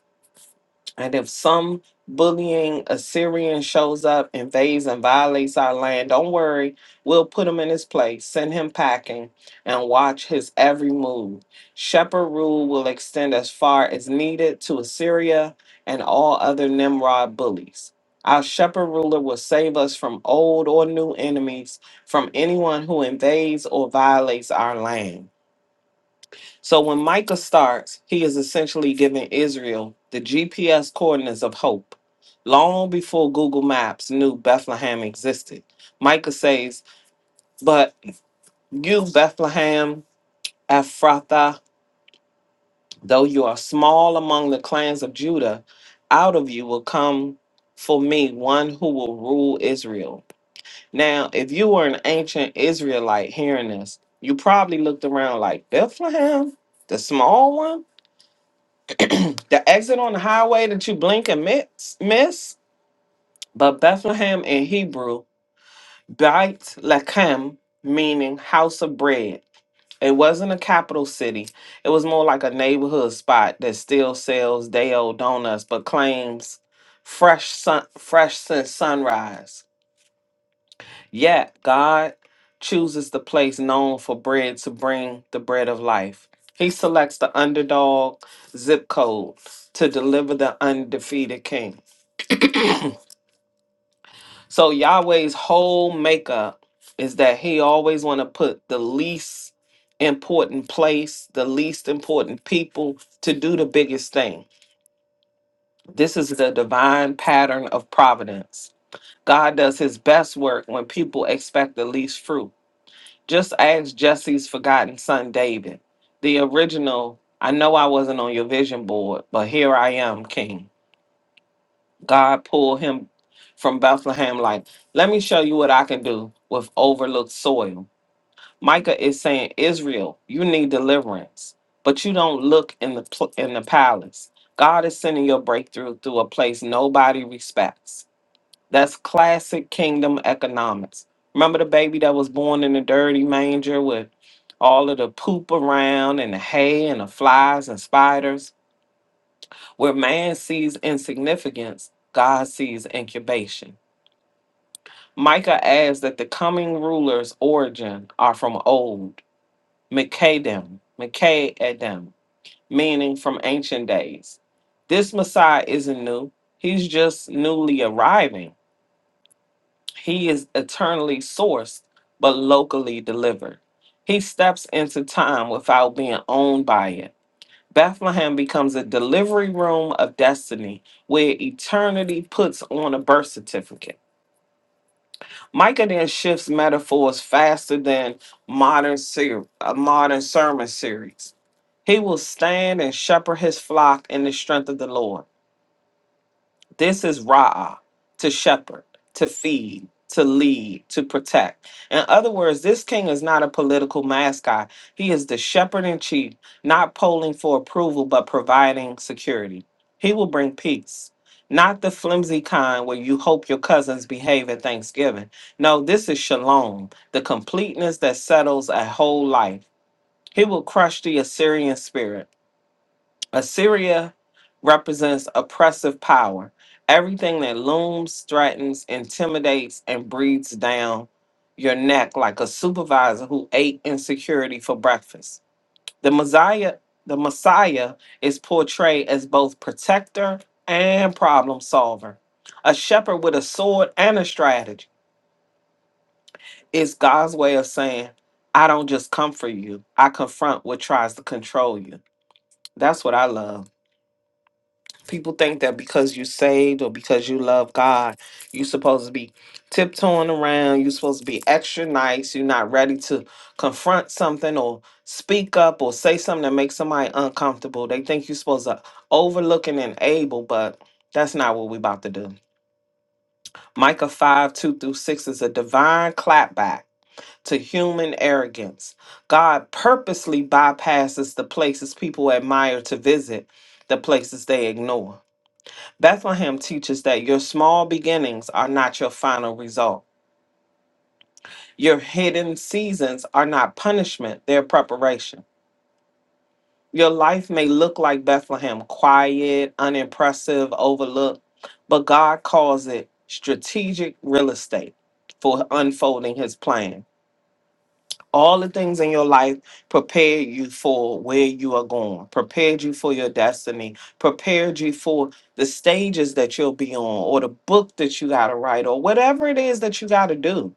S3: And if some bullying Assyrian shows up, invades and violates our land, don't worry, we'll put him in his place, send him packing, and watch his every move. Shepherd rule will extend as far as needed to Assyria and all other Nimrod bullies. Our shepherd ruler will save us from old or new enemies, from anyone who invades or violates our land. So when Micah starts, he is essentially giving Israel the GPS coordinates of hope. Long before Google Maps knew Bethlehem existed, Micah says, But you, Bethlehem, Ephrathah, though you are small among the clans of Judah, out of you will come for me one who will rule Israel. Now, if you were an ancient Israelite hearing this, you probably looked around like, Bethlehem, the small one? The exit on the highway that you blink and miss, miss but Bethlehem in Hebrew, Beit Lechem, meaning house of bread. It wasn't a capital city. It was more like a neighborhood spot that still sells day old donuts but claims fresh sun, fresh since sunrise. Yet God chooses the place known for bread to bring the bread of life. He selects the underdog zip code to deliver the undefeated king. so Yahweh's whole makeup is that he always want to put the least important place, the least important people to do the biggest thing. This is the divine pattern of providence. God does his best work when people expect the least fruit. Just ask Jesse's forgotten son David. The original, I know I wasn't on your vision board, but here I am, King. God pulled him from Bethlehem, like, let me show you what I can do with overlooked soil. Micah is saying, Israel, you need deliverance, but you don't look in the pl- in the palace. God is sending your breakthrough through a place nobody respects. That's classic kingdom economics. Remember the baby that was born in a dirty manger with all of the poop around and the hay and the flies and spiders? Where man sees insignificance, God sees incubation. Micah adds that the coming ruler's origin are from old, Mekadem, Mekadem, meaning from ancient days. This Messiah isn't new, he's just newly arriving He is eternally sourced, but locally delivered. He steps into time without being owned by it. Bethlehem becomes a delivery room of destiny where eternity puts on a birth certificate. Micah then shifts metaphors faster than modern ser- a modern sermon series. He will stand and shepherd his flock in the strength of the Lord. This is Ra'ah, to shepherd, to feed, to lead, to protect. In other words, this king is not a political mascot. He is the shepherd in chief, not polling for approval, but providing security. He will bring peace, not the flimsy kind where you hope your cousins behave at Thanksgiving. No, this is shalom, the completeness that settles a whole life. He will crush the Assyrian spirit Assyria represents oppressive power. Everything that looms, threatens, intimidates, and breathes down your neck like a supervisor who ate insecurity for breakfast. The Messiah, the Messiah is portrayed as both protector and problem solver. A shepherd with a sword and a strategy is God's way of saying, I don't just comfort you, I confront what tries to control you. That's what I love. people think that because you saved or because you love God, you're supposed to be tiptoeing around, you're supposed to be extra nice, you're not ready to confront something or speak up or say something that makes somebody uncomfortable. They think you're supposed to overlook and enable, but that's not what we're about to do. Micah 5 2 through 6 is a divine clapback to human arrogance. God purposely bypasses the places people admire to visit, the places they ignore. Bethlehem teaches that your small beginnings are not your final result. Your hidden seasons are not punishment, they're preparation. Your life may look like Bethlehem, quiet, unimpressive, overlooked, but God calls it strategic real estate for unfolding his plan. all the things in your life prepared you for where you are going, prepared you for your destiny, prepared you for the stages that you'll be on, or the book that you got to write, or whatever it is that you got to do.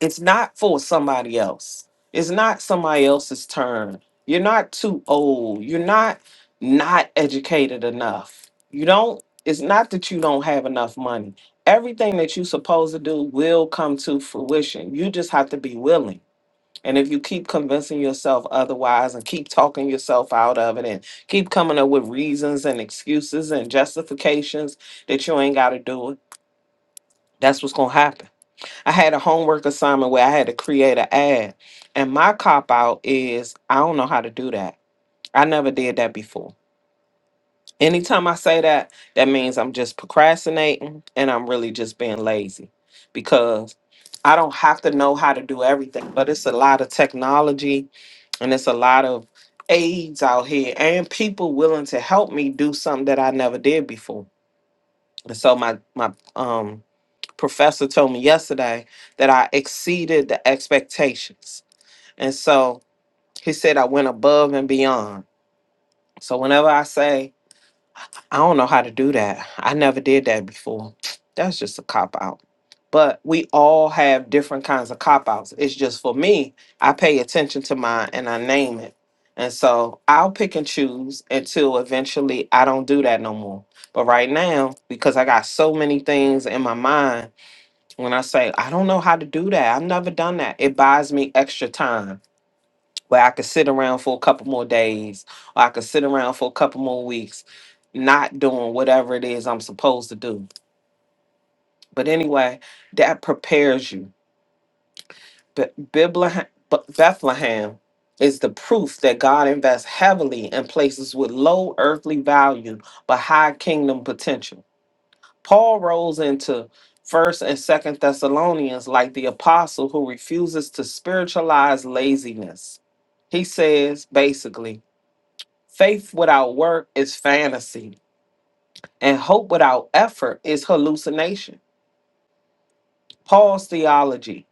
S3: It's not for somebody else, it's not somebody else's turn. You're not too old, you're not not educated enough. You don't, it's not that you don't have enough money. Everything that you're supposed to do will come to fruition. You just have to be willing. And if you keep convincing yourself otherwise and keep talking yourself out of it and keep coming up with reasons and excuses and justifications that you ain't got to do it, that's what's going to happen. I had a homework assignment where I had to create an ad. And my cop out is I don't know how to do that. I never did that before. Anytime I say that, that means I'm just procrastinating and I'm really just being lazy because I don't have to know how to do everything, but it's a lot of technology and it's a lot of aides out here and people willing to help me do something that I never did before. And so my my um professor told me yesterday that I exceeded the expectations. And so he said I went above and beyond. So whenever I say I don't know how to do that. I never did that before. That's just a cop out. But we all have different kinds of cop outs. It's just for me, I pay attention to mine and I name it. And so I'll pick and choose until eventually I don't do that no more. But right now, because I got so many things in my mind, when I say, I don't know how to do that, I've never done that, it buys me extra time where I could sit around for a couple more days, or I could sit around for a couple more weeks, not doing whatever it is I'm supposed to do. But anyway, that prepares you. But Bibla- B- Bethlehem is the proof that God invests heavily in places with low earthly value but high kingdom potential. Paul rolls into First and Second Thessalonians like the apostle who refuses to spiritualize laziness. He says basically Faith without work is fantasy, and hope without effort is hallucination. Paul's theology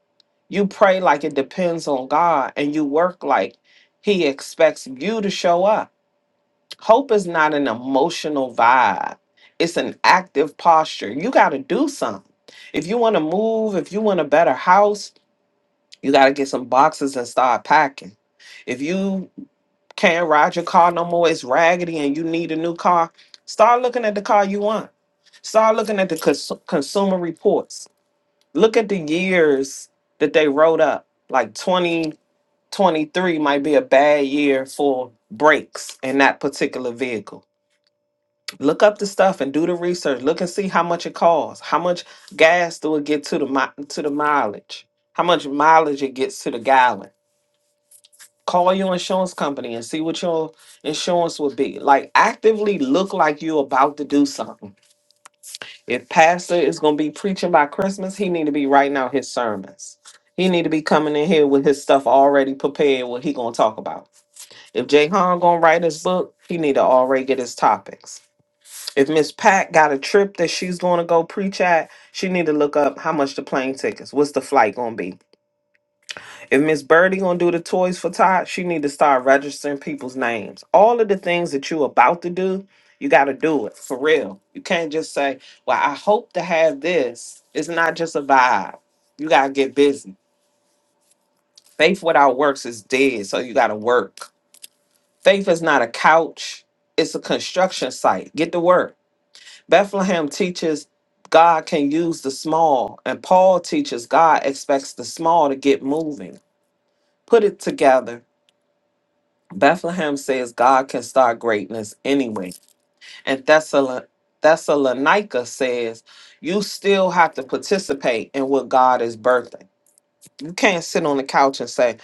S3: you pray like it depends on God, and you work like He expects you to show up. Hope is not an emotional vibe, it's an active posture. You got to do something. If you want to move, if you want a better house, you got to get some boxes and start packing. If you Can't ride your car no more. It's raggedy and you need a new car. Start looking at the car you want. Start looking at the cons- consumer reports. Look at the years that they wrote up. Like 2023 might be a bad year for brakes in that particular vehicle. Look up the stuff and do the research. Look and see how much it costs. How much gas do it get to the mi- to the mileage? How much mileage it gets to the gallon? call your insurance company and see what your insurance would be. Like actively look like you're about to do something. If pastor is gonna be preaching by Christmas, he need to be writing out his sermons. He need to be coming in here with his stuff already prepared, what he gonna talk about. If Jay Han gonna write his book, he need to already get his topics. If Miss Pat got a trip that she's gonna go preach at, she need to look up how much the plane tickets, what's the flight gonna be if Miss Birdie gonna do the toys for Todd, she need to start registering people's names. All of the things that you about to do, you gotta do it for real. You can't just say, "Well, I hope to have this." It's not just a vibe. You gotta get busy. Faith without works is dead, so you gotta work. Faith is not a couch; it's a construction site. Get to work. Bethlehem teaches God can use the small, and Paul teaches God expects the small to get moving. Put it together Bethlehem says God can start greatness anyway. And Thessala- Thessalonica says you still have to participate in what God is birthing. You can't sit on the couch and say,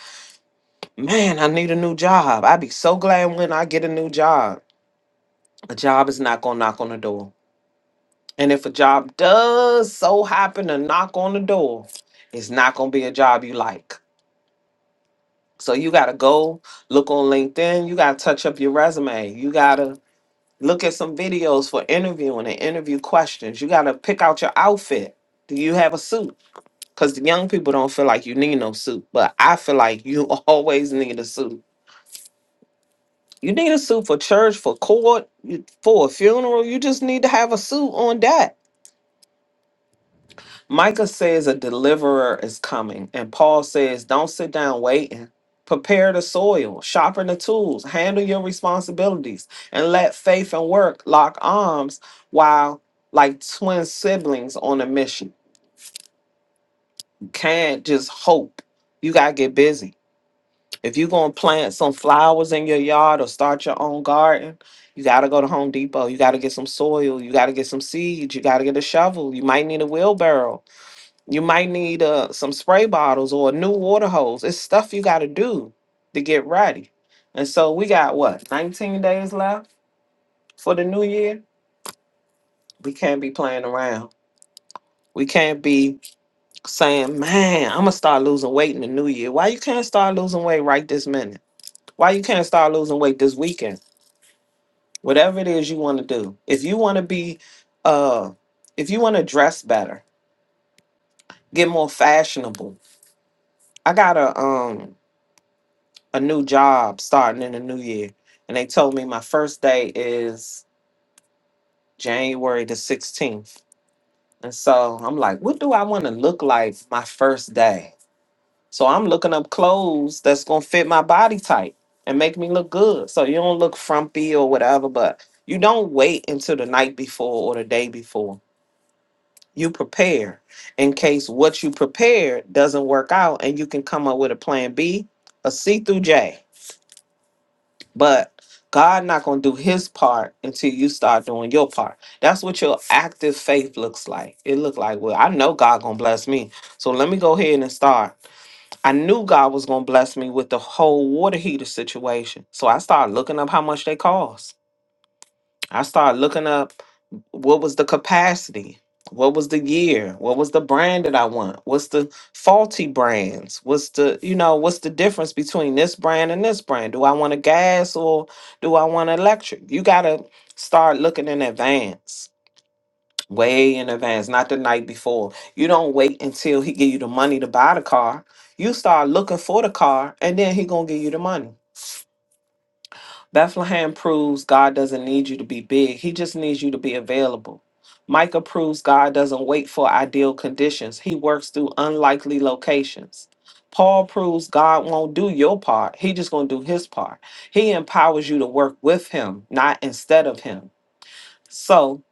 S3: Man, I need a new job. I'd be so glad when I get a new job. A job is not going to knock on the door. And if a job does so happen to knock on the door, it's not going to be a job you like. So you got to go look on LinkedIn. You got to touch up your resume. You got to look at some videos for interviewing and interview questions. You got to pick out your outfit. Do you have a suit? Because the young people don't feel like you need no suit, but I feel like you always need a suit. You need a suit for church, for court, you- for a funeral. You just need to have a suit on deck. Micah says a deliverer is coming, and Paul says, Don't sit down waiting. Prepare the soil, sharpen the tools, handle your responsibilities, and let faith and work lock arms while, like twin siblings on a mission. You can't just hope. You got to get busy. If you're going to plant some flowers in your yard or start your own garden, you got to go to Home Depot. You got to get some soil. You got to get some seeds. You got to get a shovel. You might need a wheelbarrow you might need uh, some spray bottles or a new water hose. It's stuff you got to do to get ready. And so we got what, 19 days left for the new year? We can't be playing around. We can't be saying, man, I'm going to start losing weight in the new year. Why you can't start losing weight right this minute? Why you can't start losing weight this weekend? Whatever it is you want to do. If you want to be, uh, if you want to dress better, get more fashionable. I got a um a new job starting in the new year. And they told me my first day is January the 16th. And so I'm like, what do I want to look like my first day? So I'm looking up clothes that's going to fit my body type and make me look good. So you don't look frumpy or whatever, but you don't wait until the night before or the day before. You prepare in case what you prepared doesn't work out and you can come up with a plan B, a C through J But God not gonna do his part until you start doing your part. That's what your active faith looks like. It look like, well, I know God gonna bless me. So let me go ahead and start. I knew God was gonna bless me with the whole water heater situation. So I started looking up how much they cost. I started looking up what was the capacity what was the year what was the brand that i want what's the faulty brands what's the you know what's the difference between this brand and this brand do i want a gas or do i want electric you gotta start looking in advance way in advance not the night before you don't wait until he give you the money to buy the car you start looking for the car and then he gonna give you the money Bethlehem proves God doesn't need you to be big, He just needs you to be available. Micah proves God doesn't wait for ideal conditions, He works through unlikely locations. Paul proves God won't do your part, He just gonna do His part. He empowers you to work with Him, not instead of Him. So,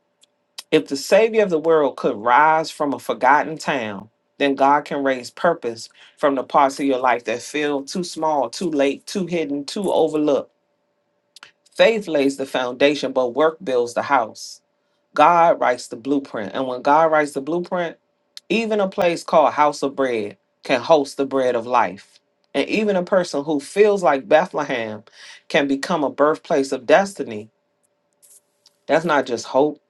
S3: if the Savior of the world could rise from a forgotten town, then God can raise purpose from the parts of your life that feel too small, too late, too hidden, too overlooked. Faith lays the foundation, but work builds the house. God writes the blueprint. And when God writes the blueprint, even a place called House of Bread can host the bread of life. And even a person who feels like Bethlehem can become a birthplace of destiny. That's not just hope,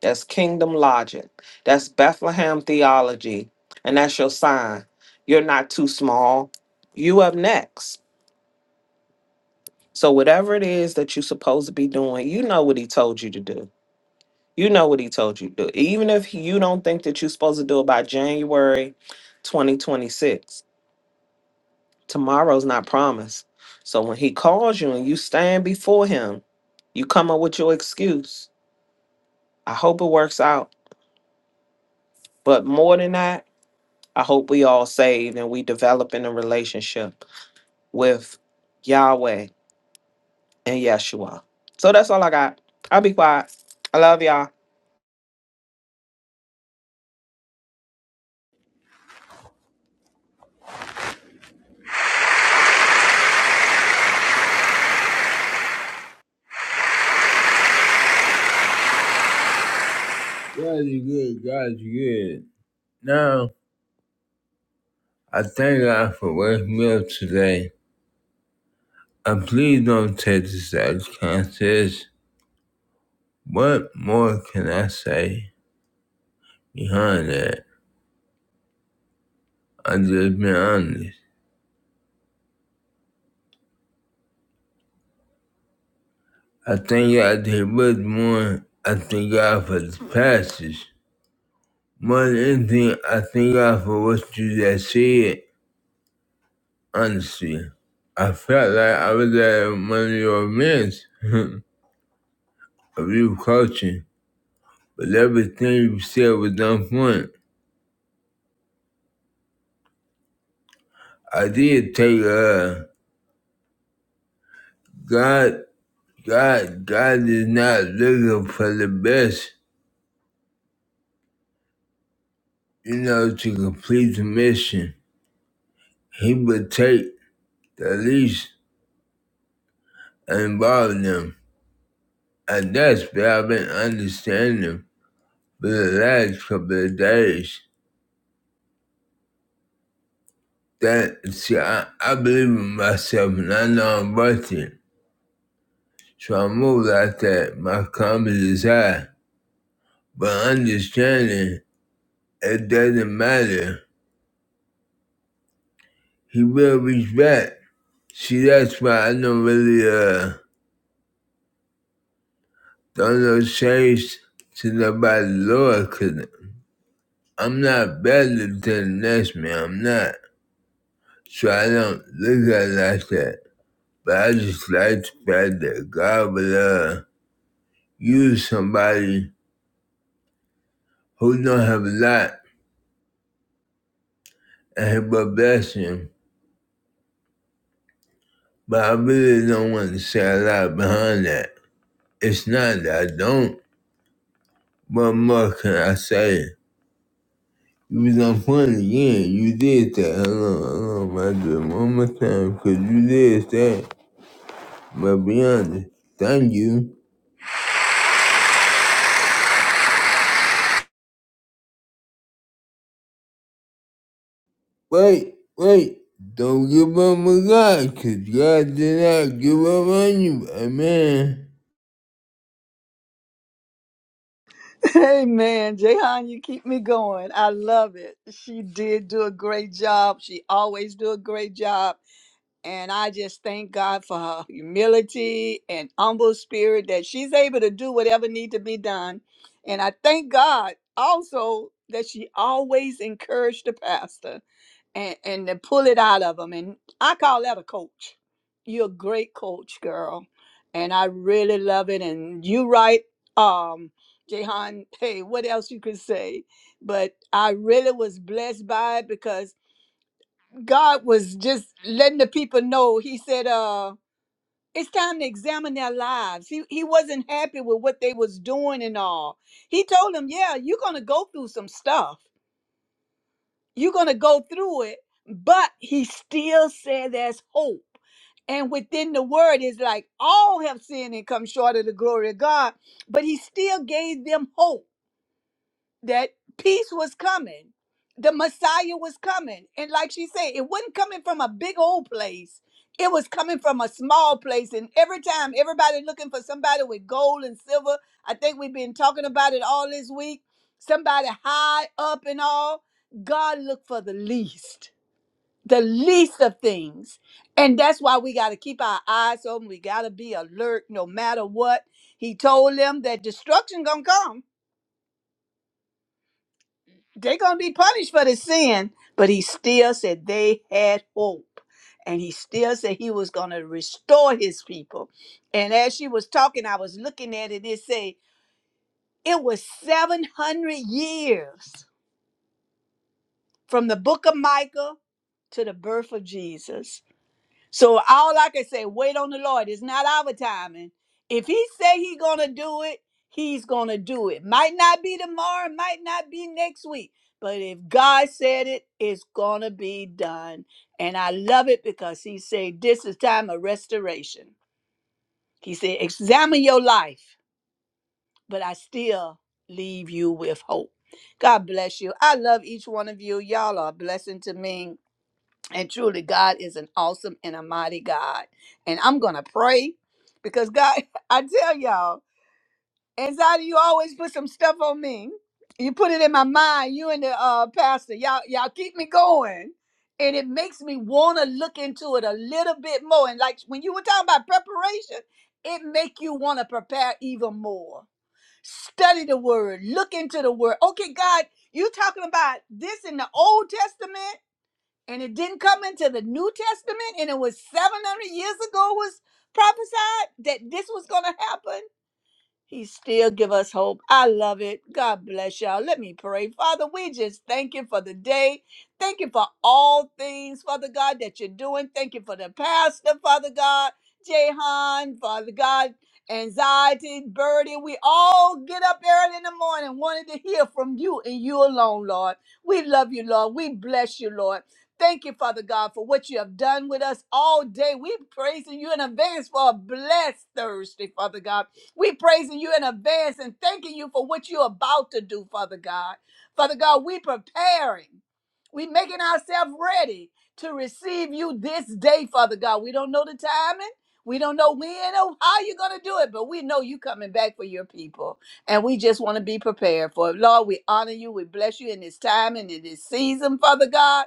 S3: that's kingdom logic. That's Bethlehem theology. And that's your sign. You're not too small. You up next. So, whatever it is that you're supposed to be doing, you know what he told you to do You know what he told you to do. Even if he- you don't think that you're supposed to do it by January 2026, tomorrow's not promised. So when he calls you and you stand before him, you come up with your excuse. I hope it works out. But more than that, I hope we all saved and we develop in a relationship with Yahweh and Yeshua. So that's all I got. I'll be quiet. I love y'all.
S2: God, you good. God, you good. Now, I thank God for waking me up today. And please don't take this as contest. What more can I say behind that? I'm just being honest. I thank God that much more. I thank God for the passage. More than anything, I thank God for what you just said, honestly. I felt like I was at one of your events of you coaching. but everything you said was on point. I did take uh God God God is not looking for the best, you know, to complete the mission. He would take the least and involve them. And that's what I've been understanding for the last couple of days. That see I, I believe in myself and I know I'm worth it. So I move like that. My confidence is high. But understanding It doesn't matter. He will reach back. See, that's why I don't really uh don't know change to nobody lower because I'm not better than the next man. I'm not. So I don't look at it like that. But I just like the fact that God will uh, use somebody who don't have a lot and he will bless him. But I really don't want to say a lot behind that. It's not that I don't. What more can I say? You was on point again. You did that. I know, I know. But I do it one more time because you did that. But be honest, thank you. Wait, wait. Don't give up on God because God did not give up on you. Amen.
S4: Hey man, Jehan, you keep me going. I love it. She did do a great job. She always do a great job. And I just thank God for her humility and humble spirit that she's able to do whatever need to be done. And I thank God also that she always encouraged the pastor and and to pull it out of them. And I call that a coach. You're a great coach, girl, and I really love it. And you right, um, Jehan. Hey, what else you could say? But I really was blessed by it because God was just letting the people know. He said, uh. It's time to examine their lives. He, he wasn't happy with what they was doing and all. He told them, "Yeah, you're gonna go through some stuff, you're going to go through it, but he still said there's hope. And within the word is like all have sinned and come short of the glory of God, but he still gave them hope that peace was coming. The Messiah was coming. And like she said, it wasn't coming from a big old place. It was coming from a small place. And every time everybody looking for somebody with gold and silver, I think we've been talking about it all this week. Somebody high up and all. God looked for the least, the least of things. And that's why we got to keep our eyes open. We got to be alert no matter what. He told them that destruction going to come they're gonna be punished for the sin, but he still said they had hope. And he still said he was gonna restore his people. And as she was talking, I was looking at it, it say it was 700 years from the book of Micah to the birth of Jesus. So all I can say, wait on the Lord. It's not our timing. If He say He gonna do it, He's gonna do it. Might not be tomorrow, might not be next week, but if God said it, it's gonna be done. And I love it because He said this is time of restoration. He said, examine your life, but I still leave you with hope. God bless you. I love each one of you. Y'all are a blessing to me. And truly, God is an awesome and a mighty God. And I'm going to pray because God, I tell y'all, anxiety, you always put some stuff on me. You put it in my mind, you and the uh, pastor. Y'all, y'all keep me going. And it makes me want to look into it a little bit more. And like when you were talking about preparation, it make you want to prepare even more. Study the word, look into the word. Okay, God, you talking about this in the Old Testament? and it didn't come into the New Testament, and it was 700 years ago was prophesied that this was going to happen. He still give us hope. I love it. God bless y'all. Let me pray. Father, we just thank you for the day. Thank you for all things, Father God, that you're doing. Thank you for the pastor, Father God, Jehan, Father God, anxiety, birdie. We all get up early in the morning wanting to hear from you and you alone, Lord. We love you, Lord. We bless you, Lord. Thank you, Father God, for what you have done with us all day. We praising you in advance for a blessed Thursday, Father God. We praising you in advance and thanking you for what you're about to do, Father God. Father God, we preparing. We making ourselves ready to receive you this day, Father God. We don't know the timing. We don't know when or how you're going to do it, but we know you coming back for your people. And we just want to be prepared for it. Lord, we honor you. We bless you in this time and in this season, Father God.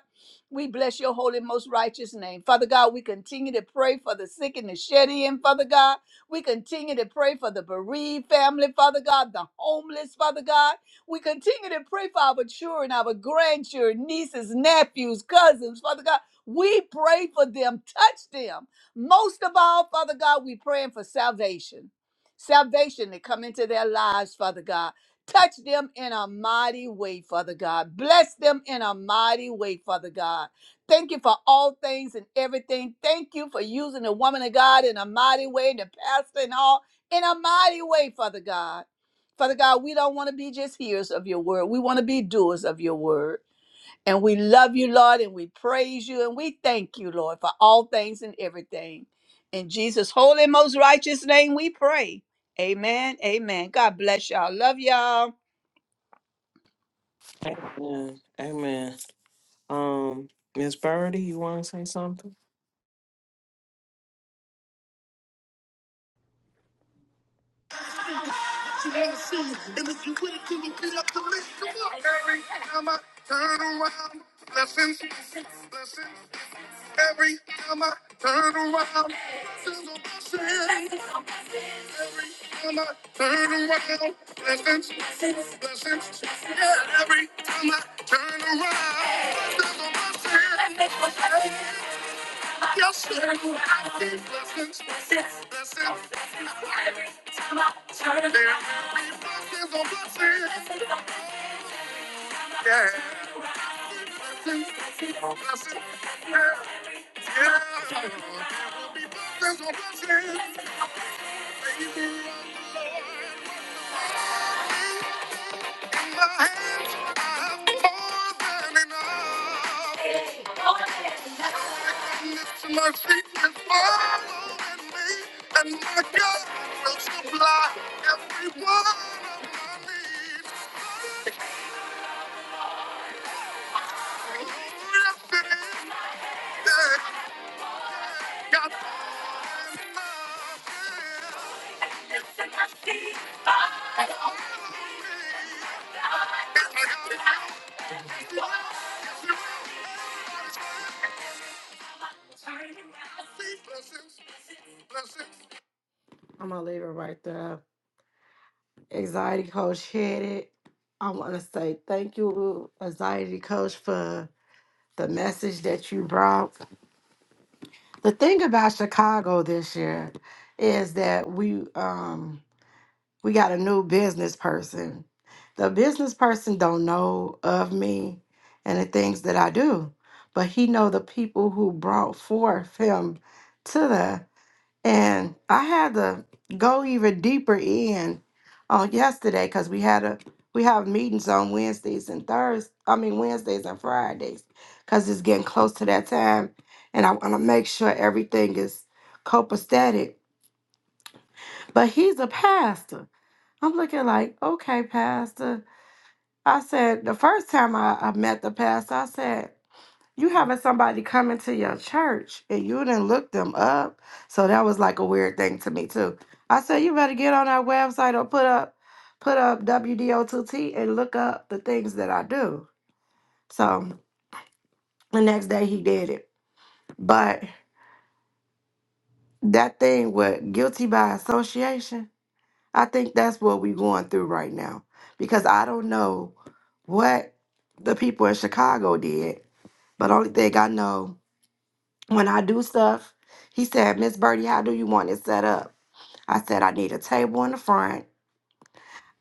S4: We bless your holy, most righteous name. Father God, we continue to pray for the sick and the shed in, Father God. We continue to pray for the bereaved family, Father God, the homeless, Father God. We continue to pray for our children, our grandchildren, nieces, nephews, cousins, Father God. We pray for them, touch them. Most of all, Father God, we praying for salvation. Salvation to come into their lives, Father God. Touch them in a mighty way, Father God. Bless them in a mighty way, Father God. Thank you for all things and everything. Thank you for using the woman of God in a mighty way, and the pastor and all in a mighty way, Father God. Father God, we don't want to be just hearers of your word. We want to be doers of your word. And we love you, Lord, and we praise you, and we thank you, Lord, for all things and everything. In Jesus' holy, most righteous name, we pray. Amen. Amen. God bless y'all. Love y'all.
S3: Amen. Amen. Um, Miss Birdie, you want to say something?
S5: you wanna me. And if you with it, then you beat up the list. Come on. Every time I turn around, blessings, blessings. Every time I turn around, there's a blessing. Every time I turn around, blessings, blessings. Yeah, every time I turn around, there's a blessing. Yes, sir. blessings, blessings, blessings on blessings, yeah. Blessings, blessings. My feet is following me, and my God will supply every one of my needs. Rested in that God in my death. All of me, and I got it I'm gonna leave it right there. Anxiety coach hit it. I want to say thank you, anxiety coach, for the message that you brought. The thing about Chicago this year is that we um we got a new business person. The business person don't know of me and the things that I do, but he know the people who brought forth him to the. And I had to go even deeper in on yesterday because we had a we have meetings on Wednesdays and Thursdays. I mean Wednesdays and Fridays because it's getting close to that time, and I want to make sure everything is copacetic. But he's a pastor. I'm looking like, okay, pastor. I said the first time I, I met the pastor, I said you having somebody come into your church and you didn't look them up. So that was like a weird thing to me too. I said you better get on our website or put up put up WDO2T and look up the things that I do. So the next day he did it. But that thing with guilty by association, I think that's what we're going through right now. Because I don't know what the people in Chicago did, but only thing I know when I do stuff, he said, Miss Birdie, how do you want it set up? I said, I need a table in the front.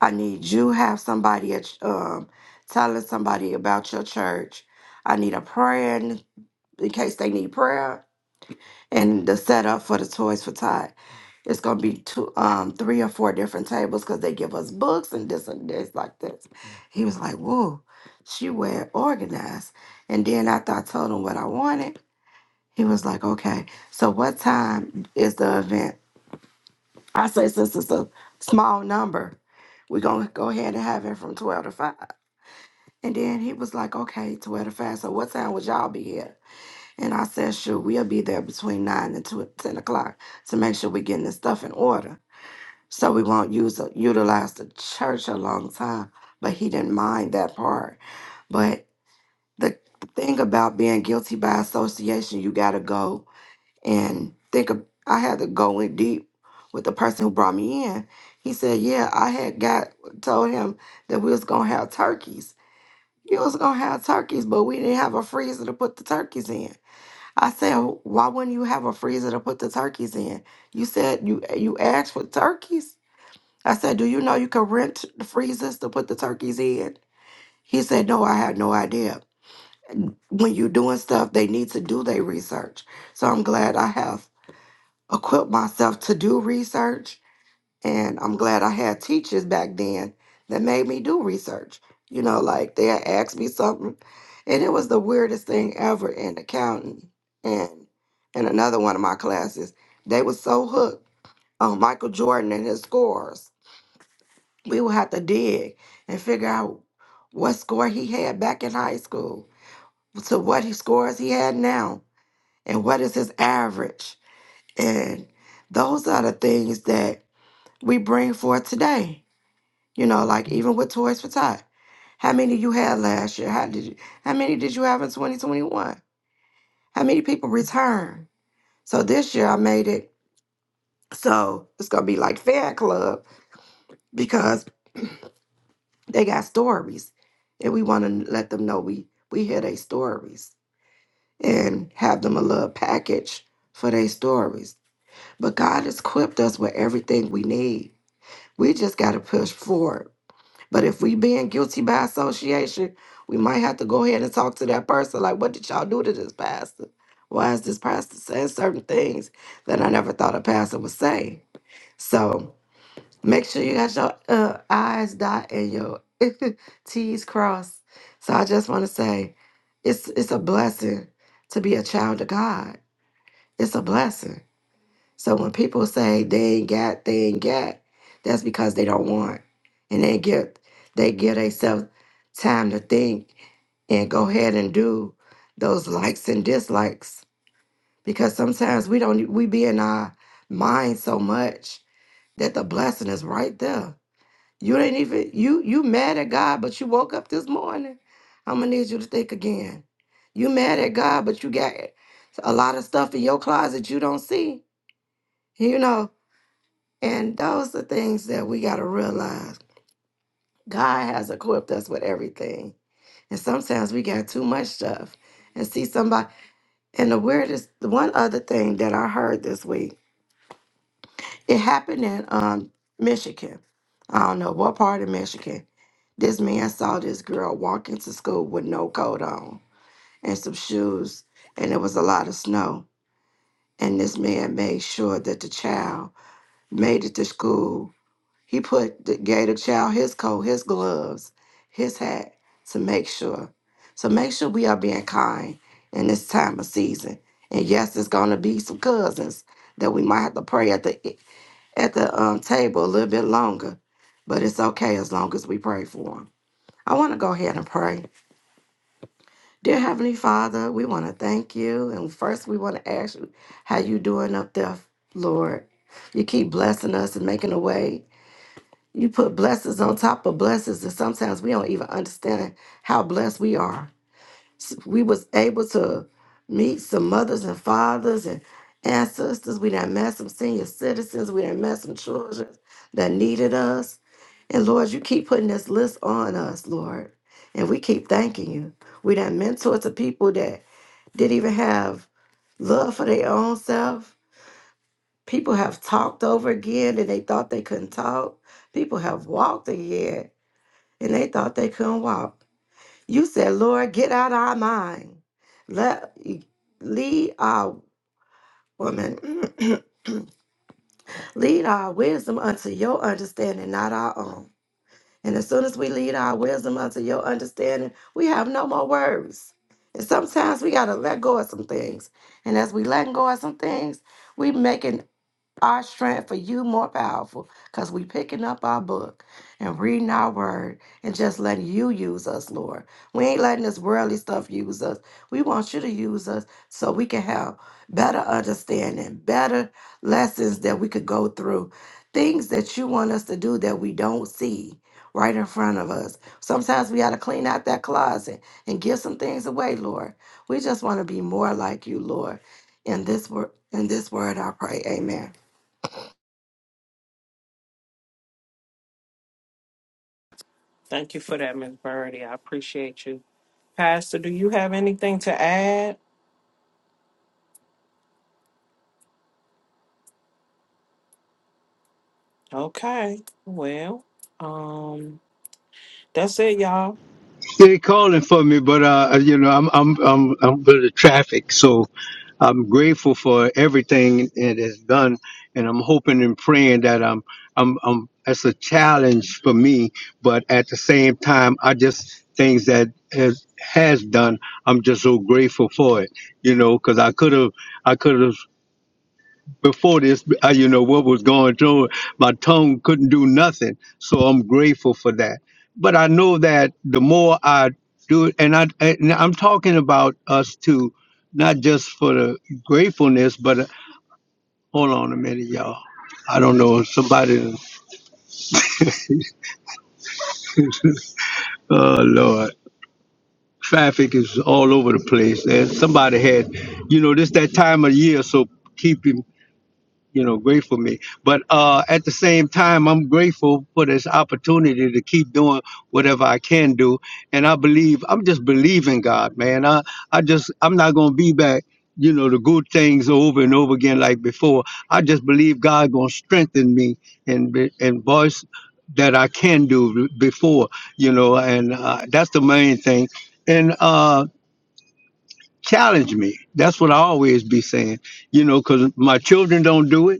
S5: I need you have somebody at, um, telling somebody about your church. I need a prayer in, in case they need prayer. And the setup for the Toys for Todd. It's gonna be two, um, three or four different tables because they give us books and this and this like this. He was like, "Whoa, she well organized." And then after I told him what I wanted, he was like, okay, so what time is the event? I say, since it's a small number, we're going to go ahead and have it from 12 to 5. And then he was like, okay, 12 to 5. So what time would y'all be here? And I said, sure, we'll be there between 9 and 2, 10 o'clock to make sure we're getting this stuff in order. So we won't use utilize the church a long time. But he didn't mind that part. But the thing about being guilty by association, you got to go and think of I had to go in deep with the person who brought me in. He said, "Yeah, I had got told him that we was gonna have turkeys. You was gonna have turkeys, but we didn't have a freezer to put the turkeys in." I said, "Why wouldn't you have a freezer to put the turkeys in?" You said you you asked for turkeys. I said, "Do you know you can rent the freezers to put the turkeys in?" He said, "No, I had no idea." When you're doing stuff, they need to do their research. So I'm glad I have Equip myself to do research and I'm glad I had teachers back then that made me do research. You know, like they had asked me something and it was the weirdest thing ever in accounting and in another one of my classes. They were so hooked on Michael Jordan and his scores. We would have to dig and figure out what score he had back in high school to what he scores he had now and what is his average. And those are the things that we bring forth today. You know, like even with Toys for Tot. How many you had last year? How did you, how many did you have in 2021? How many people returned? So this year I made it so it's gonna be like fan club because they got stories and we wanna let them know we we hear their stories and have them a little package for their stories. But God has equipped us with everything we need. We just gotta push forward But if we being guilty by association, we might have to go ahead and talk to that person. Like, what did y'all do to this pastor? Why is this pastor saying certain things that I never thought a pastor would say? So make sure you got your uh, I's dot and your T's crossed. So I just want to say, it's it's a blessing to be a child of God. It's a blessing. So when people say they ain't got, they ain't got, that's because they don't want. And they give they give themselves time to think and go ahead and do those likes and dislikes. Because sometimes we don't e, we be in our mind so much that the blessing is right there. You ain't even you you mad at God, but you woke up this morning. I'm gonna need you to think again. You mad at God, but you got a lot of stuff in your closet you don't see. You know, and those are things that we got to realize. God has equipped us with everything. And sometimes we got too much stuff. And see somebody. And the weirdest, the one other thing that I heard this week, it happened in um, Michigan. I don't know what part of Michigan. This man saw this girl walk into school with no coat on and some shoes, and it was a lot of snow. And this man made sure that the child made it to school He put the- gave the child his coat, his gloves, his hat to make sure. So make sure we are being kind in this time of season. And yes, it's gonna be some cousins that we might have to pray at the at the um, table a little bit longer, but it's okay as long as we pray for them. I want to go ahead and pray. Dear Heavenly Father, we want to thank you, and first we want to ask you how you doing up there, Lord. You keep blessing us and making a way you put blessings on top of blessings, and sometimes we don't even understand how blessed we are. S- We was able to meet some mothers and fathers and ancestors. We done met some senior citizens. We done met some children that needed us. And Lord, you keep putting this list on us, Lord. And we keep thanking you. We done mentored to people that didn't even have love for their own self. People have talked over again and they thought they couldn't talk. People have walked again and they thought they couldn't walk. You said, Lord, get out of our mind. Let lead our woman, lead our wisdom unto your understanding, not our own. And as soon as we lead our wisdom unto your understanding, we have no more worries. And sometimes we gotta let go of some things. And as we letting go of some things, we making our strength for you more powerful because we picking up our book and reading our word and just letting you use us lord we ain't letting this worldly stuff use us we want you to use us so we can have better understanding better lessons that we could go through things that you want us to do that we don't see right in front of us sometimes we got to clean out that closet and give some things away lord we just want to be more like you lord in this word in this word i pray amen
S3: Thank you for that, Miss Birdie. I appreciate you. Pastor, do you have anything to add? Okay. Well, um, that's it, y'all.
S1: They're calling for me, but uh, uh, you know, I'm I'm I'm I'm with the traffic, so I'm grateful for everything it has done, and I'm hoping and praying that I'm I'm I'm. That's a challenge for me, but at the same time, I just things that has has done. I'm just so grateful for it, you know, because I could have I could have before this, uh, you know, what was going through. My tongue couldn't do nothing. So I'm grateful for that. But I know that the more I do it, and, I, and I'm talking about us too, not just for the gratefulness, but uh, hold on a minute, y'all. I don't know. Somebody, oh, Lord. Traffic is all over the place. And somebody had, you know, this that time of year, so keep you know, grateful me. But uh, at the same time, I'm grateful for this opportunity to keep doing whatever I can do. And I believe, I'm just believing God, man. I, I just, I'm not going to be back, you know, the good things over and over again like before. I just believe God going to strengthen me and, be- and voice that I can do b- before, you know, and uh, that's the main thing. And uh, challenge me. That's what I always be saying, you know, because my children don't do it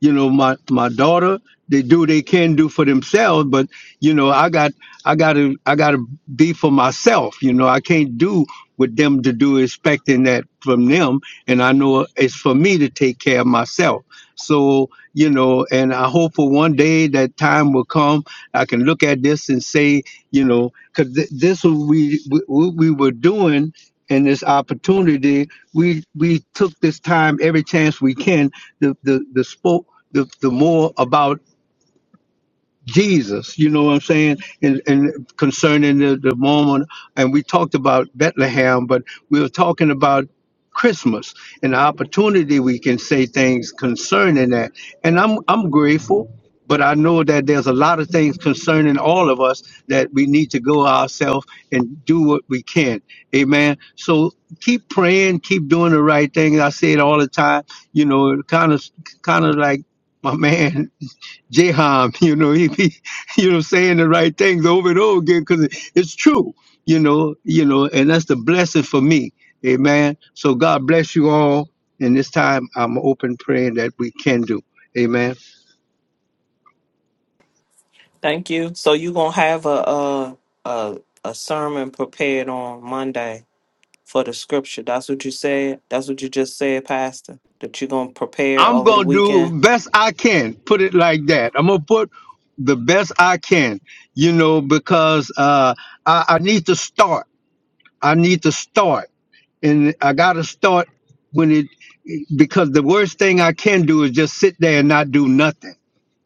S1: you know my my daughter they do what they can do for themselves but you know i got i gotta i gotta be for myself you know i can't do what them to do expecting that from them and i know it's for me to take care of myself so you know and i hope for one day that time will come i can look at this and say you know because th- this was we we- what we were doing and this opportunity we we took this time every chance we can the the the the, the more about Jesus, you know what I'm saying? And, and concerning the, the moment, and we talked about Bethlehem, but we were talking about Christmas and the opportunity we can say things concerning that. And I'm, I'm grateful, but I know that there's a lot of things concerning all of us that we need to go ourselves and do what we can. Amen. So keep praying, keep doing the right thing. I say it all the time, you know, kind of, kind of like my man Jehan, you know, he, he you know saying the right things over and over again because it's true, you know, you know, and that's the blessing for me. Amen. So God bless you all. And this time I'm open praying that we can do. Amen.
S3: Thank you. So you gonna have a a a, a sermon prepared on Monday for the scripture. That's what you said. That's what you just said, Pastor. That you're gonna prepare
S1: I'm
S3: over the
S1: gonna do
S3: weekend.
S1: best I can. Put it like that. I'm gonna put the best I can, you know, because uh I, I need to start. I need to start. and I got to start when it because the worst thing I can do is just sit there and not do nothing,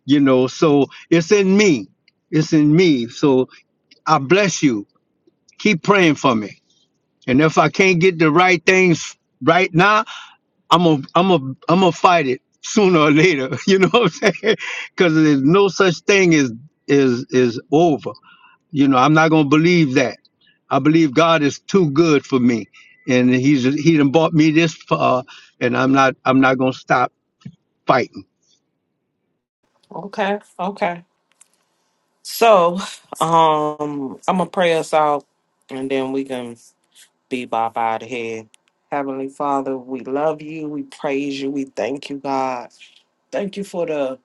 S1: you know. So it's in me, it's in me. So I bless you. Keep praying for me, and if I can't get the right things right now, I'm a I'm a I'm gonna fight it sooner or later. You know what I'm saying? Because there's no such thing as is is over. You know, I'm not going to believe that. I believe God is too good for me, and He's He done bought me this far, and I'm not I'm not gonna stop fighting.
S3: Okay. Okay. So, um, I'm gonna pray us out, and then we can be by by the head. Heavenly Father, we love you, we praise you, we thank you, God. Thank you for the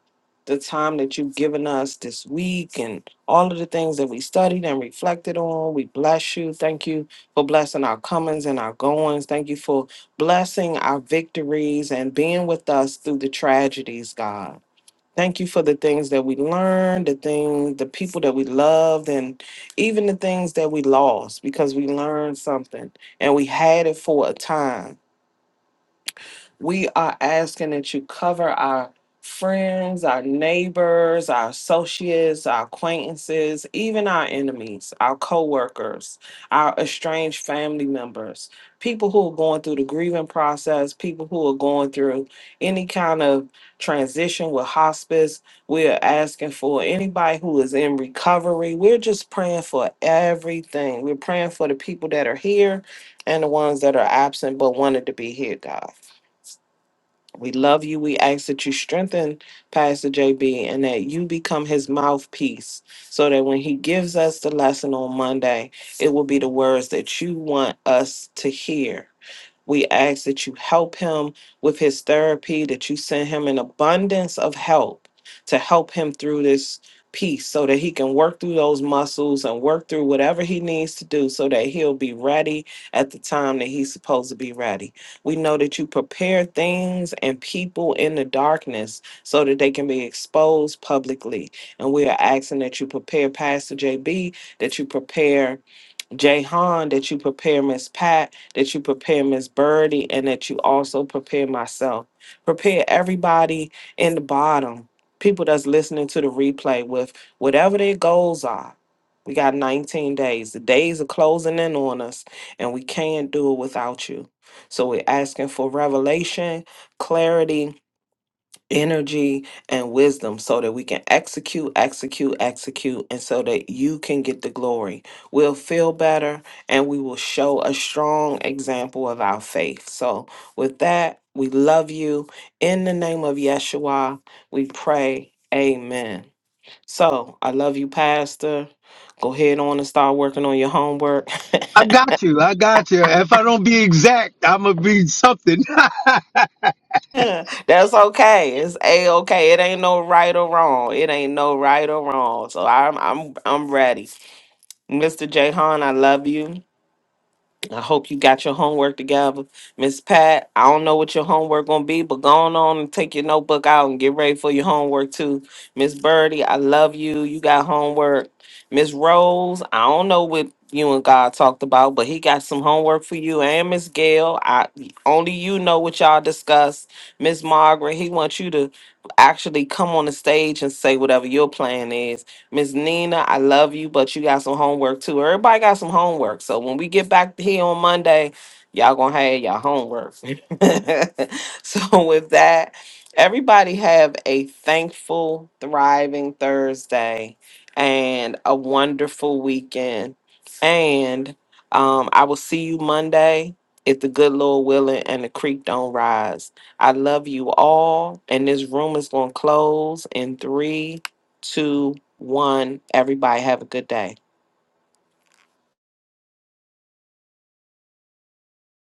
S3: the time that you've given us this week and all of the things that we studied and reflected on. We bless you. Thank you for blessing our comings and our goings. Thank you for blessing our victories and being with us through the tragedies, God. Thank you for the things that we learned, the things, the people that we loved, and even the things that we lost because we learned something and we had it for a time. We are asking that you cover our friends, our neighbors, our associates, our acquaintances, even our enemies, our coworkers, our estranged family members, people who are going through the grieving process, people who are going through any kind of transition with hospice. We are asking for anybody who is in recovery. We're just praying for everything. We're praying for the people that are here and the ones that are absent but wanted to be here, God. We love you. We ask that you strengthen Pastor JB and that you become his mouthpiece so that when he gives us the lesson on Monday, it will be the words that you want us to hear we ask that you help him with his therapy, that you send him an abundance of help to help him through this piece so that he can work through those muscles and work through whatever he needs to do so that he'll be ready at the time that he's supposed to be ready. We know that you prepare things and people in the darkness so that they can be exposed publicly. And we are asking that you prepare Pastor JB, that you prepare Jay Han, that you prepare Miss Pat, that you prepare Miss Birdie, and that you also prepare myself. Prepare everybody in the bottom, people that's listening to the replay with whatever their goals are. We got 19 days. The days are closing in on us, and we can't do it without you. So we're asking for revelation, clarity, energy and wisdom so that we can execute, execute, execute, and so that you can get the glory. We'll feel better and we will show a strong example of our faith. So, with that, we love you. In the name of Yeshua, we pray. Amen. So, I love you, Pastor. Go ahead on and start working on your homework.
S1: I got you. I got you. If I don't be exact, I'm gonna be something.
S3: That's okay. It's a okay. It ain't no right or wrong. It ain't no right or wrong. So I'm I'm I'm ready. Mr. Jahan, I love you. I hope you got your homework together. Miss Pat, I don't know what your homework gonna be, but go on, on and take your notebook out and get ready for your homework too. Miss Birdie, I love you. You got homework. Miss Rose, I don't know what you and God talked about, but he got some homework for you. And Miss Gail, I only you know what y'all discussed. Miss Margaret, he wants you to actually come on the stage and say whatever your plan is. Miss Nina, I love you, but you got some homework too. Everybody got some homework. So when we get back here on Monday, y'all gonna have your homework. so with that, everybody have a thankful, thriving Thursday and a wonderful weekend. And um, I will see you Monday if the good Lord willing and the creek don't rise. I love you all, and this room is gonna close in three two, one. Everybody have a good day.